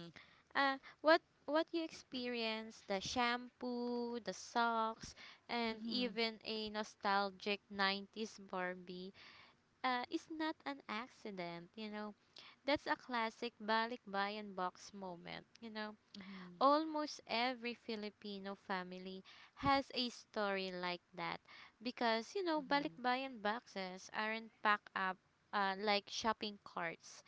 Speaker 2: uh, what what you experience, the shampoo, the socks, and
Speaker 1: mhm,
Speaker 2: even a nostalgic nineties Barbie uh, is not an accident, you know. That's a classic balikbayan box moment, you know.
Speaker 1: mhm,
Speaker 2: Almost every Filipino family has a story like that because, you know,
Speaker 1: mhm,
Speaker 2: balikbayan boxes aren't packed up uh, like shopping carts.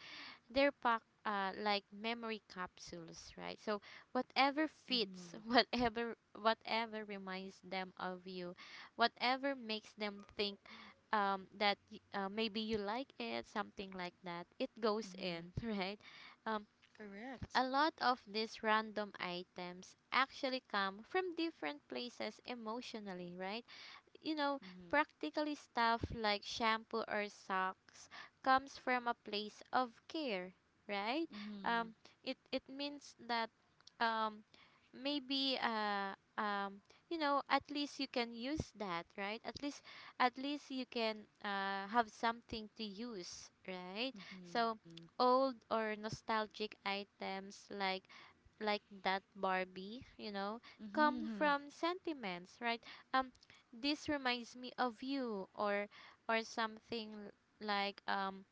Speaker 2: They're packed uh, like memory capsules, right? So whatever fits,
Speaker 1: mhm,
Speaker 2: whatever whatever reminds them of you, whatever makes them think um, that y- uh, maybe you like it, something like that, it goes
Speaker 1: mhm.
Speaker 2: in, right? Um,
Speaker 1: Correct.
Speaker 2: a lot of these random items actually come from different places emotionally, right? You know,
Speaker 1: Mhm,
Speaker 2: practically stuff like shampoo or socks comes from a place of care, right?
Speaker 1: mhm,
Speaker 2: Um, it it means that um, maybe uh, um, you know, at least you can use that, right? At least at least you can uh, have something to use, right? So
Speaker 1: mhm,
Speaker 2: old or nostalgic items like like that Barbie, you know,
Speaker 1: mhm,
Speaker 2: come
Speaker 1: mhm,
Speaker 2: from sentiments, right? Um, this reminds me of you, or or something like um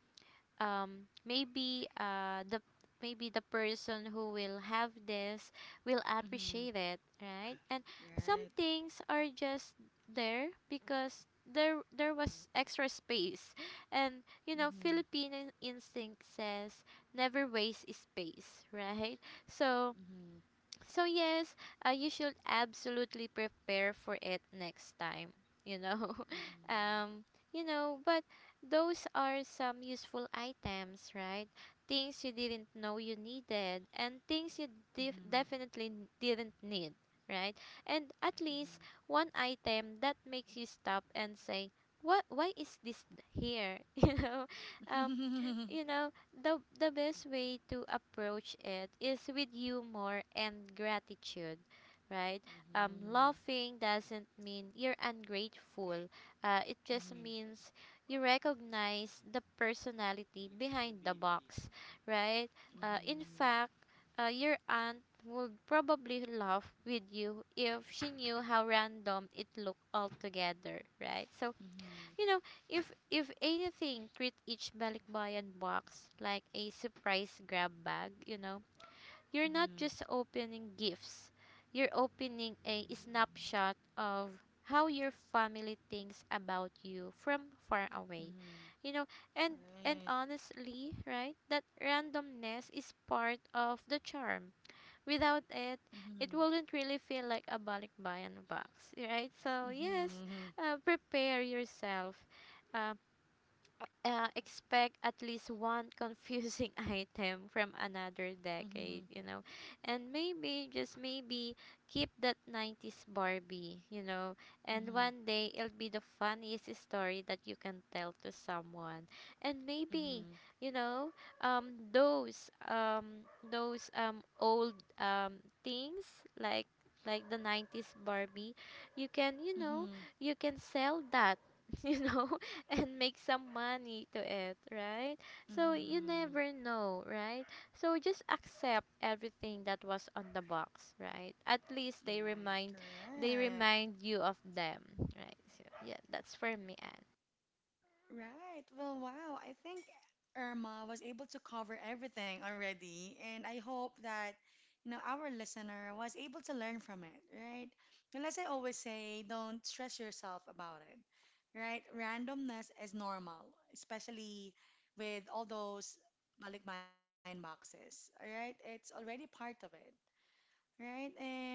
Speaker 2: um maybe uh the maybe the person who will have this will appreciate
Speaker 1: mhm.
Speaker 2: it, right? And some
Speaker 1: Right.
Speaker 2: things are just there because there there was extra space. And you know,
Speaker 1: Mhm.
Speaker 2: Filipino instinct says never waste space. Right, so
Speaker 1: Mhm.
Speaker 2: so yes, uh, you should absolutely prepare for it next time. You know,
Speaker 1: Mhm.
Speaker 2: um, you know, but those are some useful items, right? Things you didn't know you needed, and things you
Speaker 1: Mhm.
Speaker 2: def-
Speaker 1: Mhm.
Speaker 2: definitely n- didn't need, right? And at least one item that makes you stop and say, "What? Why is this th- here?" You know, um,
Speaker 1: Mhm. Mhm. Mhm. Mhm. Mhm.
Speaker 2: you
Speaker 1: Mhm.
Speaker 2: know, the the best way to approach it is with humor and gratitude, right? um laughing doesn't mean you're ungrateful, uh, it just means you recognize the personality behind the box, right? uh, in fact, uh, your aunt would probably laugh with you if she knew how random it looked altogether, right? So you know, if if anything, treat each balikbayan box like a surprise grab bag, you know. You're not just opening gifts. You're opening a snapshot of how your family thinks about you from far away. You know, and and
Speaker 1: Right.
Speaker 2: honestly, right? That randomness is part of the charm. Without it, it
Speaker 1: Mhm.
Speaker 2: wouldn't really feel like a balikbayan box, right? So yes,
Speaker 1: Mhm.
Speaker 2: uh, prepare yourself. uh, uh, Expect at least one confusing item from another
Speaker 1: Mhm.
Speaker 2: decade, you know. And maybe, just maybe, keep that nineties Barbie, you know. And
Speaker 1: Mhm.
Speaker 2: one day it'll be the funniest story that you can tell to someone. And maybe,
Speaker 1: Mhm.
Speaker 2: you know, um, those, um, those, um, old, um, things like, like the nineties Barbie, you can, you know,
Speaker 1: Mhm.
Speaker 2: you can sell that. You know, and make some money to it, right? So you
Speaker 1: Mhm.
Speaker 2: never know, right? So just accept everything that was on the box, right? At least they
Speaker 1: Right.
Speaker 2: remind they
Speaker 1: Correct.
Speaker 2: remind you of them, right? So yeah, that's for me, Anne.
Speaker 1: Right. Well, wow. I think Irma was able to cover everything already, and I hope that you know our listener was able to learn from it, right? And as I always say, don't stress yourself about it, right? Randomness is normal, especially with all those balikbayan boxes, all right? It's already part of it, right? And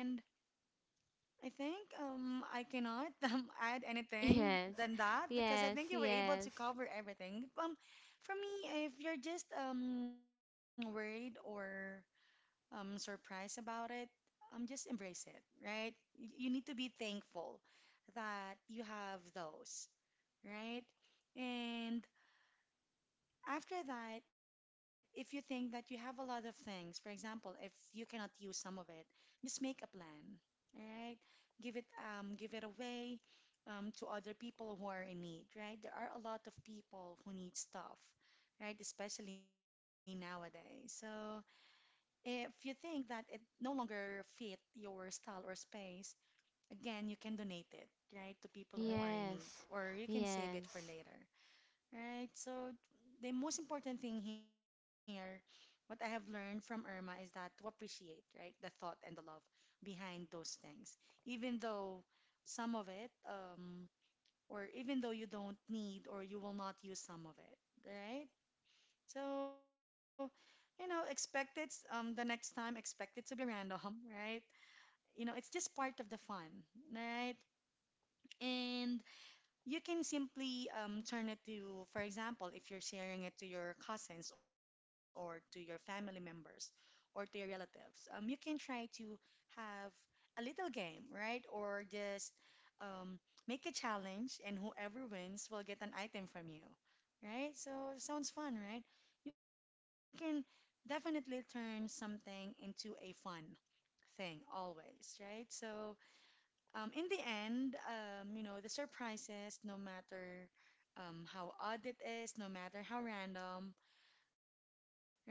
Speaker 1: I think um, I cannot um, add anything
Speaker 2: Yes.
Speaker 1: than that because I
Speaker 2: Yes,
Speaker 1: think you were able to
Speaker 2: yes.
Speaker 1: cover everything. Um, for me, if you're just um, worried or um, surprised about it, um, just embrace it, right? Y- You need to be thankful that you have those, right? And after that, if you think that you have a lot of things, for example, if you cannot use some of it, just make a plan. All right? Give it um give it away um to other people who are in need, right? There are a lot of people who need stuff, right? Especially nowadays. So if you think that it no longer fit your style or space, again, you can donate it, right, to people who are in need,
Speaker 2: Yes.
Speaker 1: or you can save it for
Speaker 2: Yes.
Speaker 1: later. Right. So the most important thing here, what I have learned from Irma is that to appreciate, right, the thought and the love behind those things, even though some of it, um, or even though you don't need or you will not use some of it, right? So, you know, expect it um, the next time, expect it to be random, right? You know, it's just part of the fun, right? And you can simply um, turn it to, for example, if you're sharing it to your cousins or to your family members or to your relatives, um, you can try to have a little game, right? Or just um, make a challenge, and whoever wins will get an item from you, right? So sounds fun, right? You can definitely turn something into a fun thing always, right? So um, in the end, um, you know, the surprises, no matter um, how odd it is, no matter how random, right?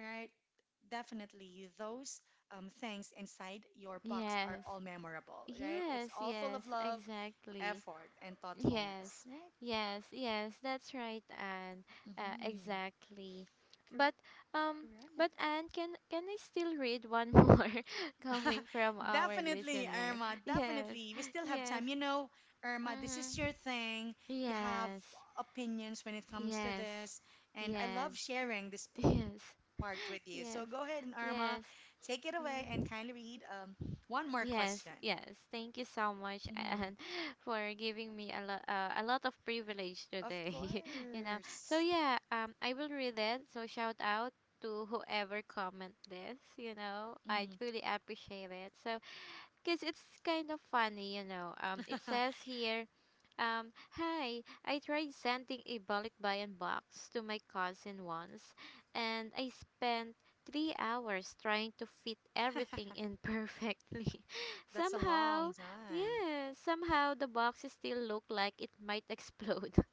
Speaker 1: Definitely, those um, things inside your box are
Speaker 2: Yes.
Speaker 1: all memorable, right? It's
Speaker 2: Yes,
Speaker 1: all full of
Speaker 2: yes,
Speaker 1: love,
Speaker 2: exactly.
Speaker 1: effort, and
Speaker 2: Yes,
Speaker 1: thoughtfulness, right?
Speaker 2: yes, yes, that's right, Anne. Uh,
Speaker 1: Mm-hmm.
Speaker 2: exactly. But
Speaker 1: Correct.
Speaker 2: um, but Anne, can can I still read one more coming from our
Speaker 1: Definitely,
Speaker 2: listener?
Speaker 1: Irma.
Speaker 2: Yes,
Speaker 1: Definitely. We still have time.
Speaker 2: yes,
Speaker 1: You know, Irma, this is
Speaker 2: mm,
Speaker 1: your thing. You have
Speaker 2: yes,
Speaker 1: opinions when it comes to
Speaker 2: yes,
Speaker 1: this. And I
Speaker 2: yes,
Speaker 1: love sharing this part with
Speaker 2: yes,
Speaker 1: you. So go ahead and
Speaker 2: yes,
Speaker 1: Irma, take it
Speaker 2: yes,
Speaker 1: away and kindly read
Speaker 2: mm.
Speaker 1: um, one more question.
Speaker 2: Yes, yes. Thank you so much,
Speaker 1: Hmm.
Speaker 2: and for giving me a lot, uh, a lot of privilege
Speaker 1: Of
Speaker 2: today. You know. So
Speaker 1: course.
Speaker 2: yeah, um, I will read it. So shout out to whoever comment this. You
Speaker 1: Hmm.
Speaker 2: know, I truly appreciate it. So because it's kind of funny, you know. Um, it says here, um, hi, I tried sending a balikbayan box to my cousin once, and I spent three hours trying to fit everything in perfectly.
Speaker 1: That's a long
Speaker 2: Somehow,
Speaker 1: time.
Speaker 2: yeah, somehow the box still looked like it might explode.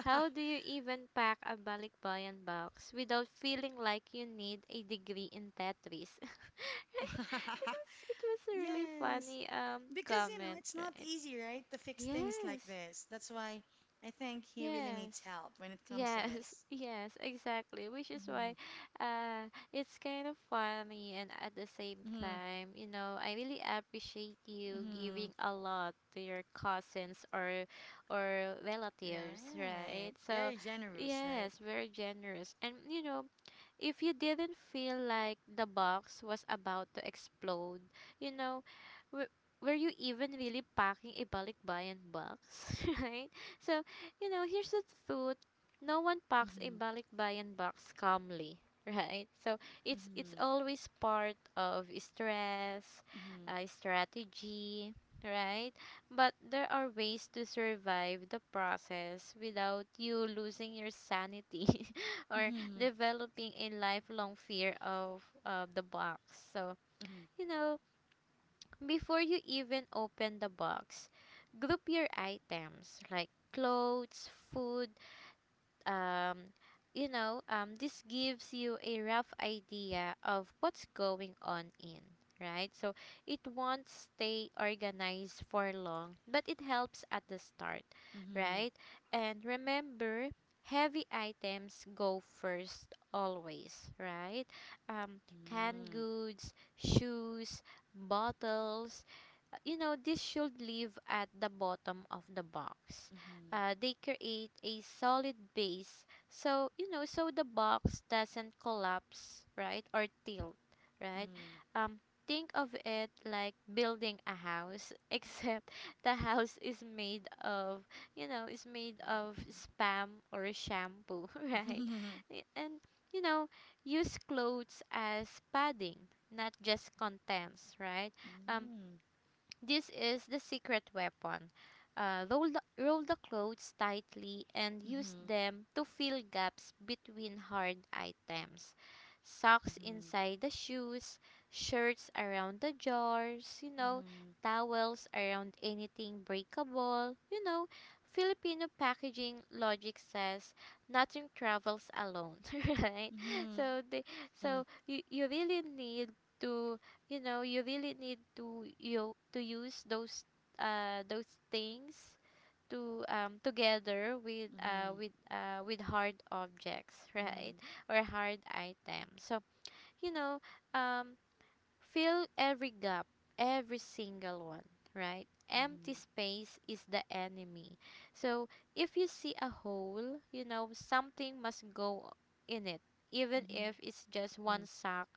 Speaker 2: How do you even pack a balikbayan box without feeling like you need a degree in Tetris? It was it was a really
Speaker 1: Yes.
Speaker 2: funny um
Speaker 1: Because, you know,
Speaker 2: comment,
Speaker 1: it's not
Speaker 2: right?
Speaker 1: easy, right, to fix things like
Speaker 2: Yes.
Speaker 1: this. That's why I think he really needs
Speaker 2: Yes.
Speaker 1: help when it comes to
Speaker 2: Yes.
Speaker 1: this.
Speaker 2: Yes, exactly. Which is
Speaker 1: Mm-hmm.
Speaker 2: why uh it's kind of funny, and at the
Speaker 1: Mm-hmm.
Speaker 2: same time, you know, I really appreciate you
Speaker 1: Mm-hmm.
Speaker 2: giving a lot to your cousins or or relatives, right?
Speaker 1: Right.
Speaker 2: So,
Speaker 1: Very generous, right?
Speaker 2: yes, very generous. And you know, if you didn't feel like the box was about to explode, you know, w- were you even really packing a balikbayan box, right? So, you know, here's the truth. No one packs a
Speaker 1: Mm-hmm.
Speaker 2: balikbayan box calmly, right?
Speaker 1: Mm-hmm.
Speaker 2: So, it's it's always part of stress,
Speaker 1: Mm-hmm.
Speaker 2: uh, strategy, right? But there are ways to survive the process without you losing your sanity or
Speaker 1: Mm-hmm.
Speaker 2: developing a lifelong fear of uh, the box. So, you know, before you even open the box, group your items like clothes, food, um, you know, um, this gives you a rough idea of what's going on in, right? So it won't stay organized for long, but it helps at the start,
Speaker 1: Mm-hmm.
Speaker 2: right? And remember, heavy items go first always, right?
Speaker 1: Mm-hmm.
Speaker 2: Um, canned goods, shoes, bottles, uh, you know, this should live at the bottom of the box.
Speaker 1: Mm-hmm. Mm-hmm.
Speaker 2: Uh, they create a solid base, so you know, so the box doesn't collapse, right, or tilt,
Speaker 1: Mm-hmm.
Speaker 2: right. um think of it like building a house, except the house is made of, you know is made of spam or shampoo,
Speaker 1: Mm-hmm.
Speaker 2: right.
Speaker 1: Mm-hmm.
Speaker 2: Y- and you know, use clothes as padding, not just contents, right. um this is the secret weapon. Uh, roll, the, roll the clothes tightly and use them to fill gaps between hard items.
Speaker 1: Mm-hmm.
Speaker 2: Socks inside the shoes, shirts around the jars, you know,
Speaker 1: Mm-hmm.
Speaker 2: towels around anything breakable. You know, Filipino packaging logic says nothing travels alone, right?
Speaker 1: Mm-hmm.
Speaker 2: So they, so you, you really need to, you know, you really need to, you to use those uh those things to um together with uh
Speaker 1: Mm-hmm.
Speaker 2: with uh with hard objects, right,
Speaker 1: Mm-hmm.
Speaker 2: or hard items. So you know, um fill every gap, every single one, right? Empty space is the enemy. So if you see a hole, you know, something must go in it, even if it's just one sack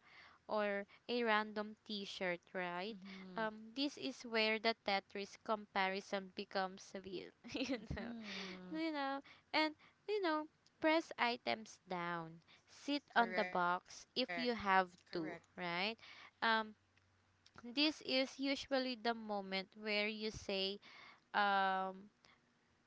Speaker 2: or a random t shirt, right?
Speaker 1: Mm-hmm. Mm-hmm.
Speaker 2: Um, this is where the Tetris comparison becomes real, you know,
Speaker 1: Mm-hmm.
Speaker 2: you know, and you know, press items down, sit on the
Speaker 1: Correct.
Speaker 2: box if you
Speaker 1: Correct.
Speaker 2: have to, right? Um, this is usually the moment where you say, um,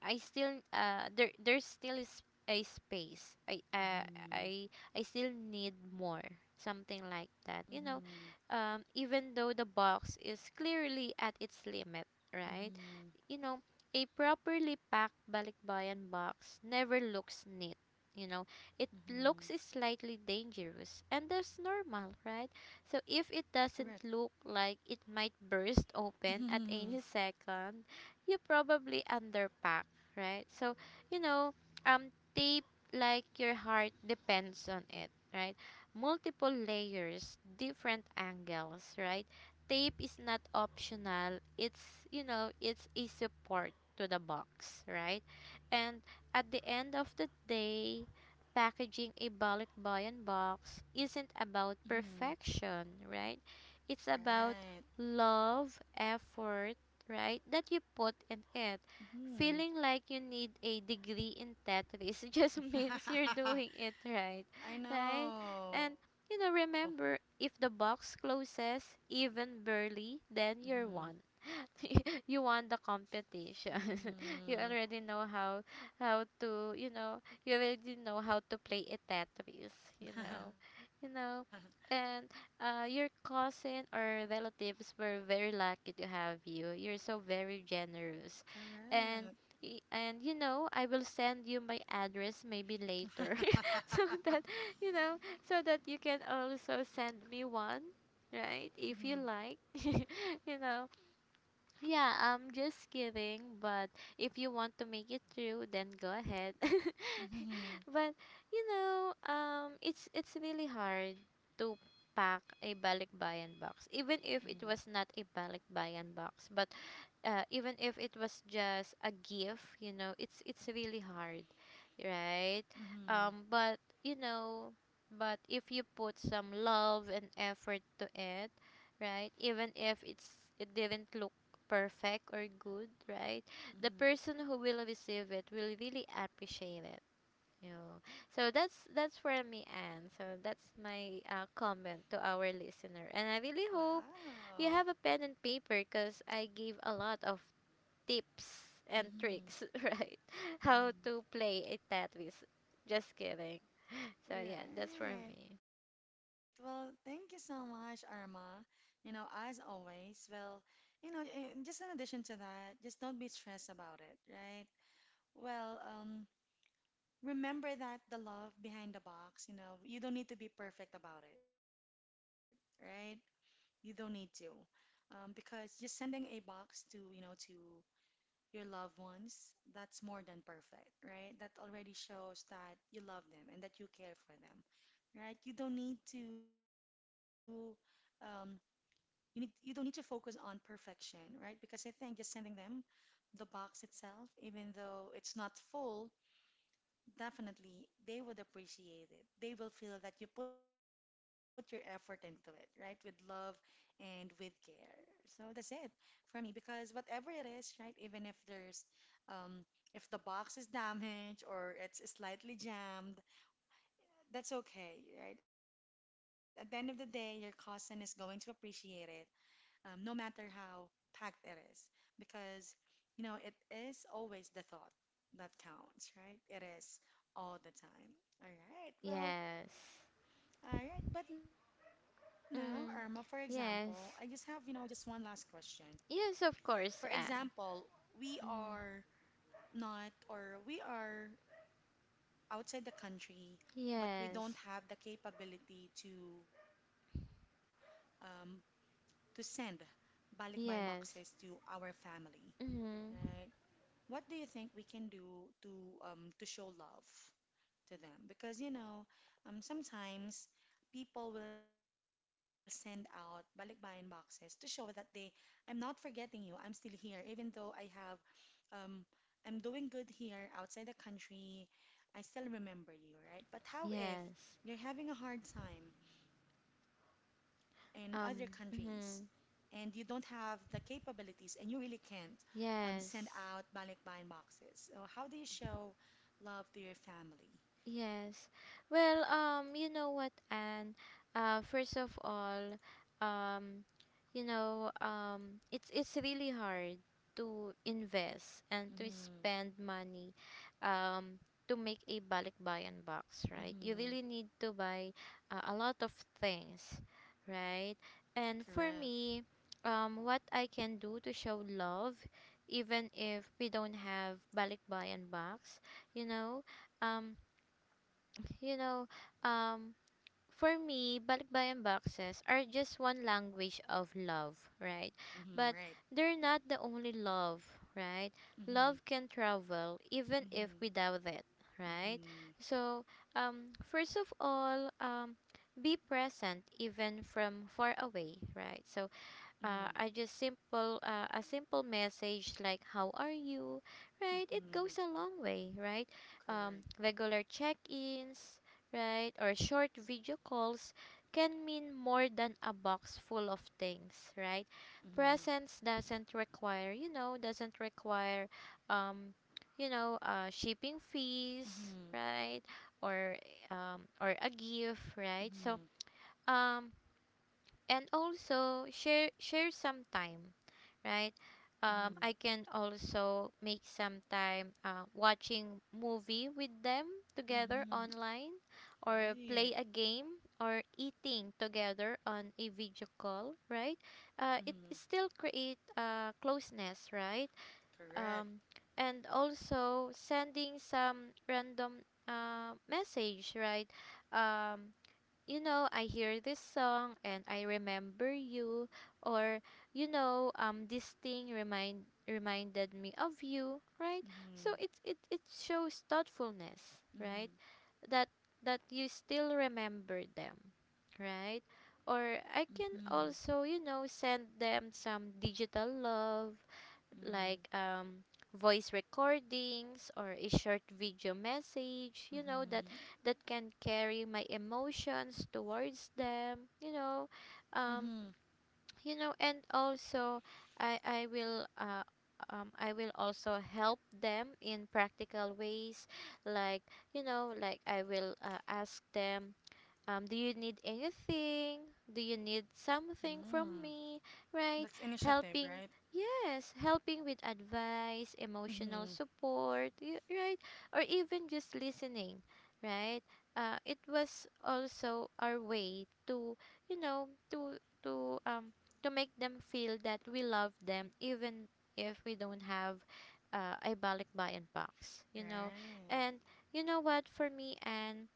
Speaker 2: I still, uh, there, there's still is a space. I, uh,
Speaker 1: Mm-hmm.
Speaker 2: I, I still need more. Something like
Speaker 1: Mm-hmm.
Speaker 2: that. You know, um, even though the box is clearly at its limit, right?
Speaker 1: Mm-hmm.
Speaker 2: You know, a properly packed balikbayan box never looks neat. You know, it
Speaker 1: Mm-hmm.
Speaker 2: looks slightly dangerous, and that's normal, right? So
Speaker 1: Correct.
Speaker 2: if it doesn't look like it might burst open at
Speaker 1: Mm-hmm.
Speaker 2: any second, you probably underpack, right? So, you know, um, tape like your heart depends on it, right? Multiple layers, different angles, right? Tape is not optional. It's, you know, it's a support to the box, right? And at the end of the day, packaging a balikbayan box
Speaker 1: Mm-hmm.
Speaker 2: isn't about perfection, right? It's
Speaker 1: Right.
Speaker 2: about love, effort, right? That you put in it.
Speaker 1: Mm-hmm.
Speaker 2: Feeling like you need a degree in Tetris just means you're doing it right,
Speaker 1: I
Speaker 2: right?
Speaker 1: know.
Speaker 2: And you know, remember, if the box closes even barely, then you're
Speaker 1: Mm-hmm.
Speaker 2: one. You won the competition. You already know how how to you know you already know how to play a Tetris. You know,
Speaker 1: Mm-hmm.
Speaker 2: you know, and uh, your cousin or relatives were very lucky to have you. You're so very generous, and. y- And you know, I will send you my address maybe later, so
Speaker 1: Correct.
Speaker 2: that you know, so that you can also send me one,
Speaker 1: Mm-hmm.
Speaker 2: right? If you like, you know. Yeah, I'm just kidding, but if you want to make it through, then go ahead.
Speaker 1: Mm-hmm.
Speaker 2: But you know, um it's it's really hard to pack a balikbayan box, even if
Speaker 1: Mm-hmm.
Speaker 2: it was not a balikbayan box, but uh, even if it was just a gift, you know, it's it's really hard, right.
Speaker 1: Mm-hmm.
Speaker 2: Um but you know, but if you put some love and effort to it, right, even if it's it didn't look perfect or good, right, the
Speaker 1: Mm-hmm.
Speaker 2: person who will receive it will really appreciate it, you know. So that's that's for me, and so that's my uh, comment to our listener, and I really hope
Speaker 1: Wow.
Speaker 2: you have a pen and paper because I gave a lot of tips and
Speaker 1: Mm-hmm.
Speaker 2: tricks, right? How
Speaker 1: Mm-hmm.
Speaker 2: to play a Tetris. Just kidding. So yeah, that's for
Speaker 1: Right.
Speaker 2: me.
Speaker 1: Well, thank you so much, Irma. You know, as always, well, you know, eh, just in addition to that, just don't be stressed about it, right? Well, um, remember that the love behind the box, you know, you don't need to be perfect about it, right? You don't need to. Um, because just sending a box to, you know, to your loved ones, that's more than perfect, right? That already shows that you love them and that you care for them, right? You don't need to um, you need you don't need to focus on perfection, right? Because I think just sending them the box itself, even though it's not full, definitely they would appreciate it. They will feel that you put your effort into it, right? With love and with care. So that's it for me because whatever it is, right? Even if there's um if the box is damaged or it's slightly jammed, that's okay, right? At the end of the day, your cousin is going to appreciate it, um, no matter how packed it is, because you know it is always the thought that counts, right? It is all the time. All right. Well,
Speaker 2: Yes.
Speaker 1: all right. But now, Irma, for
Speaker 2: Mm.
Speaker 1: example, I just have, you know,
Speaker 2: Yes.
Speaker 1: just one last question.
Speaker 2: Yes, of
Speaker 1: For
Speaker 2: course, Anne.
Speaker 1: example, we
Speaker 2: Mm.
Speaker 1: are not, or we are outside the country, but we don't
Speaker 2: Yes.
Speaker 1: have the capability to um, to send balikbayan boxes to
Speaker 2: Yes.
Speaker 1: our family,
Speaker 2: Mm.
Speaker 1: right? What do you think we can do to um, to show love to them? Because you know, um, sometimes people will send out balikbayan boxes to show that they, I'm not forgetting you. I'm still here, even though I have um, I'm doing good here outside the country. I still remember you, right? But how if
Speaker 2: Yes.
Speaker 1: you're having a hard time in other countries?
Speaker 2: Um.
Speaker 1: And you
Speaker 2: Mm.
Speaker 1: don't have the capabilities and you really can't um, send
Speaker 2: Yes.
Speaker 1: out balikbayan boxes. So how do you show love to your family?
Speaker 2: Yes. Well, um, you know what, Anne? Uh, first of all, um, you know, um, it's it's really hard to invest and to
Speaker 1: Mm-hmm.
Speaker 2: spend money, um, to make a balikbayan box, right? You
Speaker 1: Mm-hmm.
Speaker 2: really need to buy uh, a lot of things, right?
Speaker 1: Correct.
Speaker 2: And for me, um, what I can do to show love, even if we don't have balikbayan box, you know, um you know, um, for me, balikbayan boxes are just one language of love, right?
Speaker 1: Mm-hmm. Right.
Speaker 2: But they're not the only love, right?
Speaker 1: Mm-hmm.
Speaker 2: Love can travel even if
Speaker 1: Mm-hmm.
Speaker 2: without it, right?
Speaker 1: Mm-hmm.
Speaker 2: So, um, first of all, um, be present even from far away, right? So,
Speaker 1: Mm-hmm.
Speaker 2: uh, I just simple uh, a simple message like how are you, right? It goes
Speaker 1: Mm-hmm.
Speaker 2: a long way, right? Um,
Speaker 1: Correct.
Speaker 2: regular check-ins, right, or short video calls can mean more than a box full of things, right?
Speaker 1: Mm-hmm.
Speaker 2: Presence doesn't require, you know, doesn't require, um, you know, uh, shipping fees,
Speaker 1: Mm-hmm.
Speaker 2: right, or um, or a gift, right? So
Speaker 1: Mm-hmm.
Speaker 2: um and also share share some time, right. um,
Speaker 1: Mm-hmm.
Speaker 2: I can also make some time uh, watching movie with them together
Speaker 1: Mm-hmm.
Speaker 2: online, or play
Speaker 1: Right.
Speaker 2: a game, or eating together on a video call, right.
Speaker 1: Mm-hmm.
Speaker 2: Uh, it still create uh, closeness, right.
Speaker 1: Correct.
Speaker 2: um, and also sending some random uh, message, right. um, you know, I hear this song and I remember you, or you know, um this thing remind reminded me of you, right? So
Speaker 1: Mm-hmm.
Speaker 2: it it it shows thoughtfulness, right?
Speaker 1: Mm-hmm.
Speaker 2: That that you still remember them, right?
Speaker 1: Mm-hmm.
Speaker 2: Or I can also, you know, send them some digital love, like
Speaker 1: Mm-hmm.
Speaker 2: um, voice recordings or a short video message, you know, that
Speaker 1: Mm-hmm.
Speaker 2: that can carry my emotions towards them, you
Speaker 1: Mm-hmm.
Speaker 2: know, um, you know, and also I I will uh, um, I will also help them in practical ways, like you know, like I will uh, ask them, um, do you need anything? Do you need
Speaker 1: Mm,
Speaker 2: something from me?
Speaker 1: that's
Speaker 2: Right?
Speaker 1: initiative, right?
Speaker 2: Helping, yes, helping with advice, emotional
Speaker 1: Mm-hmm.
Speaker 2: support, y- right? Or even just listening, right? Uh, it was also our way to, you know, to to um to make them feel that we love them, even if we don't have uh, a balik bayan box, you know.
Speaker 1: Right.
Speaker 2: And you know what, for me, and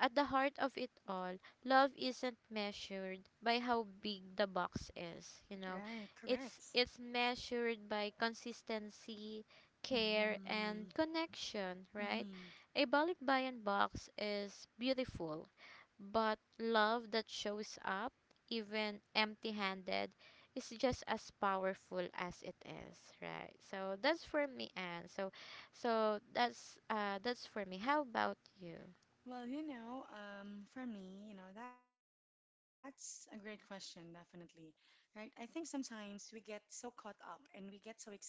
Speaker 2: at the heart of it all, love isn't measured by how big the box is, you
Speaker 1: Right.
Speaker 2: know.
Speaker 1: Correct.
Speaker 2: It's it's measured by consistency, care
Speaker 1: Mm-hmm.
Speaker 2: and connection, right?
Speaker 1: Mm-hmm.
Speaker 2: A balikbayan box is beautiful, but love that shows up even empty-handed is just as powerful as it is, right? So that's for me, Anne. So so that's uh that's for me. How about you?
Speaker 1: Well, you know, um, for me, you know, that's a great question, definitely. Right? I think sometimes we get so caught up and we get so excited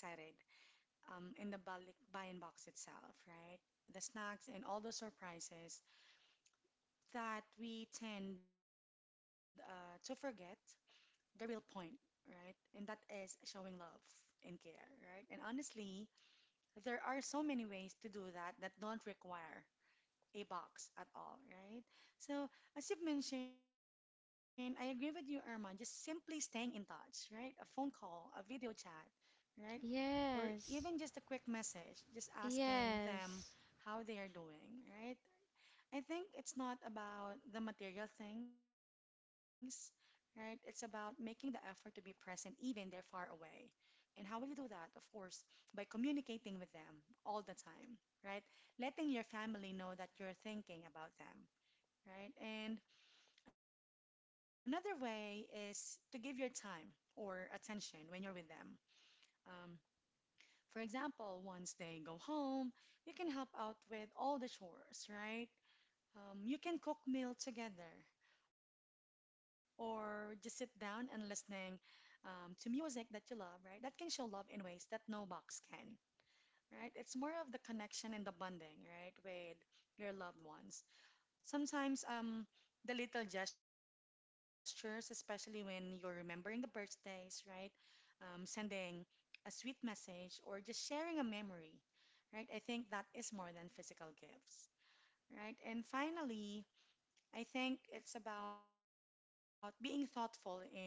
Speaker 1: um, in the balik buy-in box itself, right? The snacks and all the surprises that we tend uh, to forget the real point, right? And that is showing love and care, right? And honestly, there are so many ways to do that that don't require a box at all, right? So, as you've mentioned, I agree with you, Irma, just simply staying in touch, right? A phone call, a video chat, right? Or even
Speaker 2: Yes.
Speaker 1: just a quick message, just asking them
Speaker 2: Yes.
Speaker 1: how they are doing, right? I think it's not about the material things, right? It's about making the effort to be present even they're far away. And how will you do that? Of course, by communicating with them all the time, right? Letting your family know that you're thinking about them, right? And another way is to give your time or attention when you're with them. Um, for example, once they go home, you can help out with all the chores, right? Um, you can cook meal together or just sit down and listening um, to music that you love, right? That can show love in ways that no box can, right? It's more of the connection and the bonding, right, with your loved ones. Sometimes um, the little gestures, especially when you're remembering the birthdays, right? Um, sending a sweet message or just sharing a memory, right? I think that is more than physical gifts, right? And finally, I think it's about being thoughtful in your everyday life,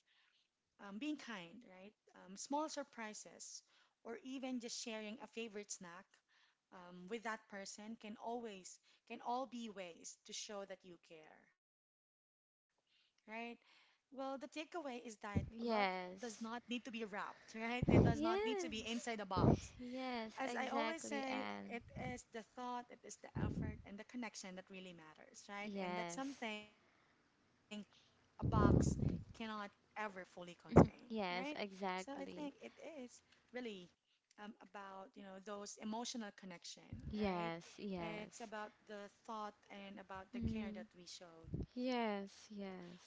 Speaker 1: um, being kind, right? Um, small surprises, or even just sharing a favorite snack um, with that person can always, can all be ways to show that you care, right? Well, the takeaway is that love does not need to
Speaker 2: Yes.
Speaker 1: be wrapped, right? It does not need to be inside a
Speaker 2: Yes.
Speaker 1: box. As
Speaker 2: Yes,
Speaker 1: I always
Speaker 2: exactly,
Speaker 1: say, it
Speaker 2: and
Speaker 1: is the thought, it is the effort, and the connection that really matters, right? And that's
Speaker 2: yes,
Speaker 1: something a box cannot ever fully contain, right?
Speaker 2: Mhm.
Speaker 1: So
Speaker 2: Yes,
Speaker 1: I think it
Speaker 2: exactly,
Speaker 1: is really um, about, you know, those emotional connection, right?
Speaker 2: yes, yes,
Speaker 1: It's about the thought and about the care
Speaker 2: mm.
Speaker 1: that we showed or that we
Speaker 2: Yes,
Speaker 1: show them.
Speaker 2: yes,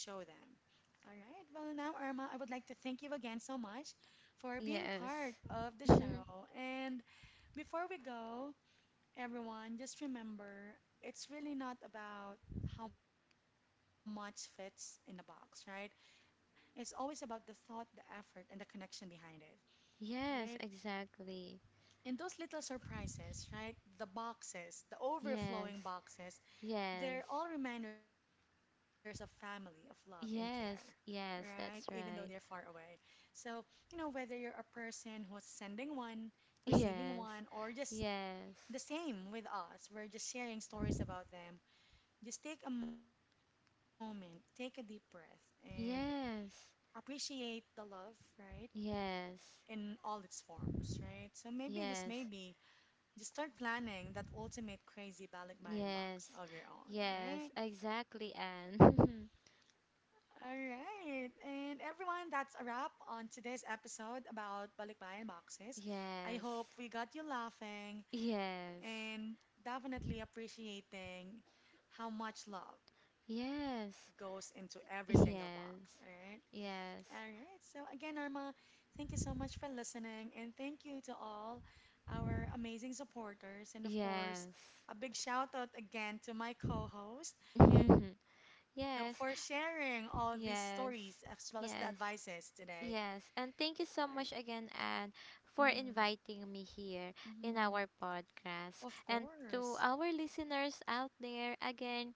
Speaker 1: All right. Well, now, Irma, I would like to thank you again so much for being
Speaker 2: yes,
Speaker 1: part of the
Speaker 2: Mhm.
Speaker 1: show. And before we go, everyone, just remember it's really not about how much fits in the box, right? It's always about the thought, the effort, and the connection behind it, right?
Speaker 2: Yes, exactly,
Speaker 1: And those little surprises, right? The boxes, the
Speaker 2: yes,
Speaker 1: overflowing boxes,
Speaker 2: yes,
Speaker 1: they're all reminders of family, of love, and care,
Speaker 2: yes,
Speaker 1: right? Even
Speaker 2: yes,
Speaker 1: though they're
Speaker 2: that's
Speaker 1: far
Speaker 2: right,
Speaker 1: away. So, you know, whether you're a person who's sending one, receiving
Speaker 2: yes,
Speaker 1: one, or just
Speaker 2: yes,
Speaker 1: the same with us, we're just sharing stories about them, just take a moment, take a deep breath, and
Speaker 2: yes,
Speaker 1: appreciate the love, right?
Speaker 2: yes,
Speaker 1: In all its forms, right? So maybe, just
Speaker 2: Yes,
Speaker 1: maybe, just start planning that ultimate crazy balikbayan box
Speaker 2: yes,
Speaker 1: of your own, right?
Speaker 2: yes, exactly, Anne.
Speaker 1: All right. And everyone, that's a wrap on today's episode about balikbayan boxes. I hope
Speaker 2: Yes,
Speaker 1: we got you laughing
Speaker 2: yes,
Speaker 1: and definitely appreciating how much love goes into every
Speaker 2: yes,
Speaker 1: single box. All right.
Speaker 2: yes,
Speaker 1: All right.
Speaker 2: yes,
Speaker 1: So again, Irma, thank you so much for listening, and thank you to all our amazing supporters, and of course,
Speaker 2: yes,
Speaker 1: a big shout out again to my co-host, you know, for sharing
Speaker 2: yes,
Speaker 1: all these stories as well as the
Speaker 2: yes,
Speaker 1: advices
Speaker 2: yes,
Speaker 1: today.
Speaker 2: yes. And thank you so much again, Anne, for
Speaker 1: Mm-hmm,
Speaker 2: inviting me here in
Speaker 1: mm-hmm.
Speaker 2: our podcast.
Speaker 1: Of
Speaker 2: And to
Speaker 1: course.
Speaker 2: our listeners out there, again,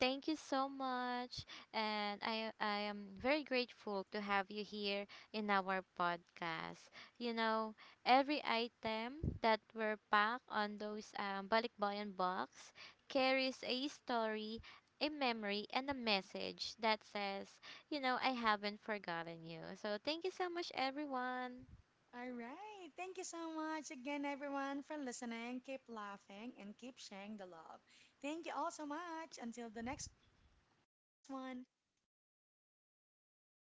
Speaker 2: thank you so much. And I, I am very grateful to have you here in our podcast. You know, every item that were packed on those um, balikbayan box carries a story, a memory, and a message that says, you know, I haven't forgotten you. So thank you so much, everyone.
Speaker 1: All right. Thank you so much again, everyone, for listening. Keep laughing and keep sharing the love. Thank you all so much. Until the next one.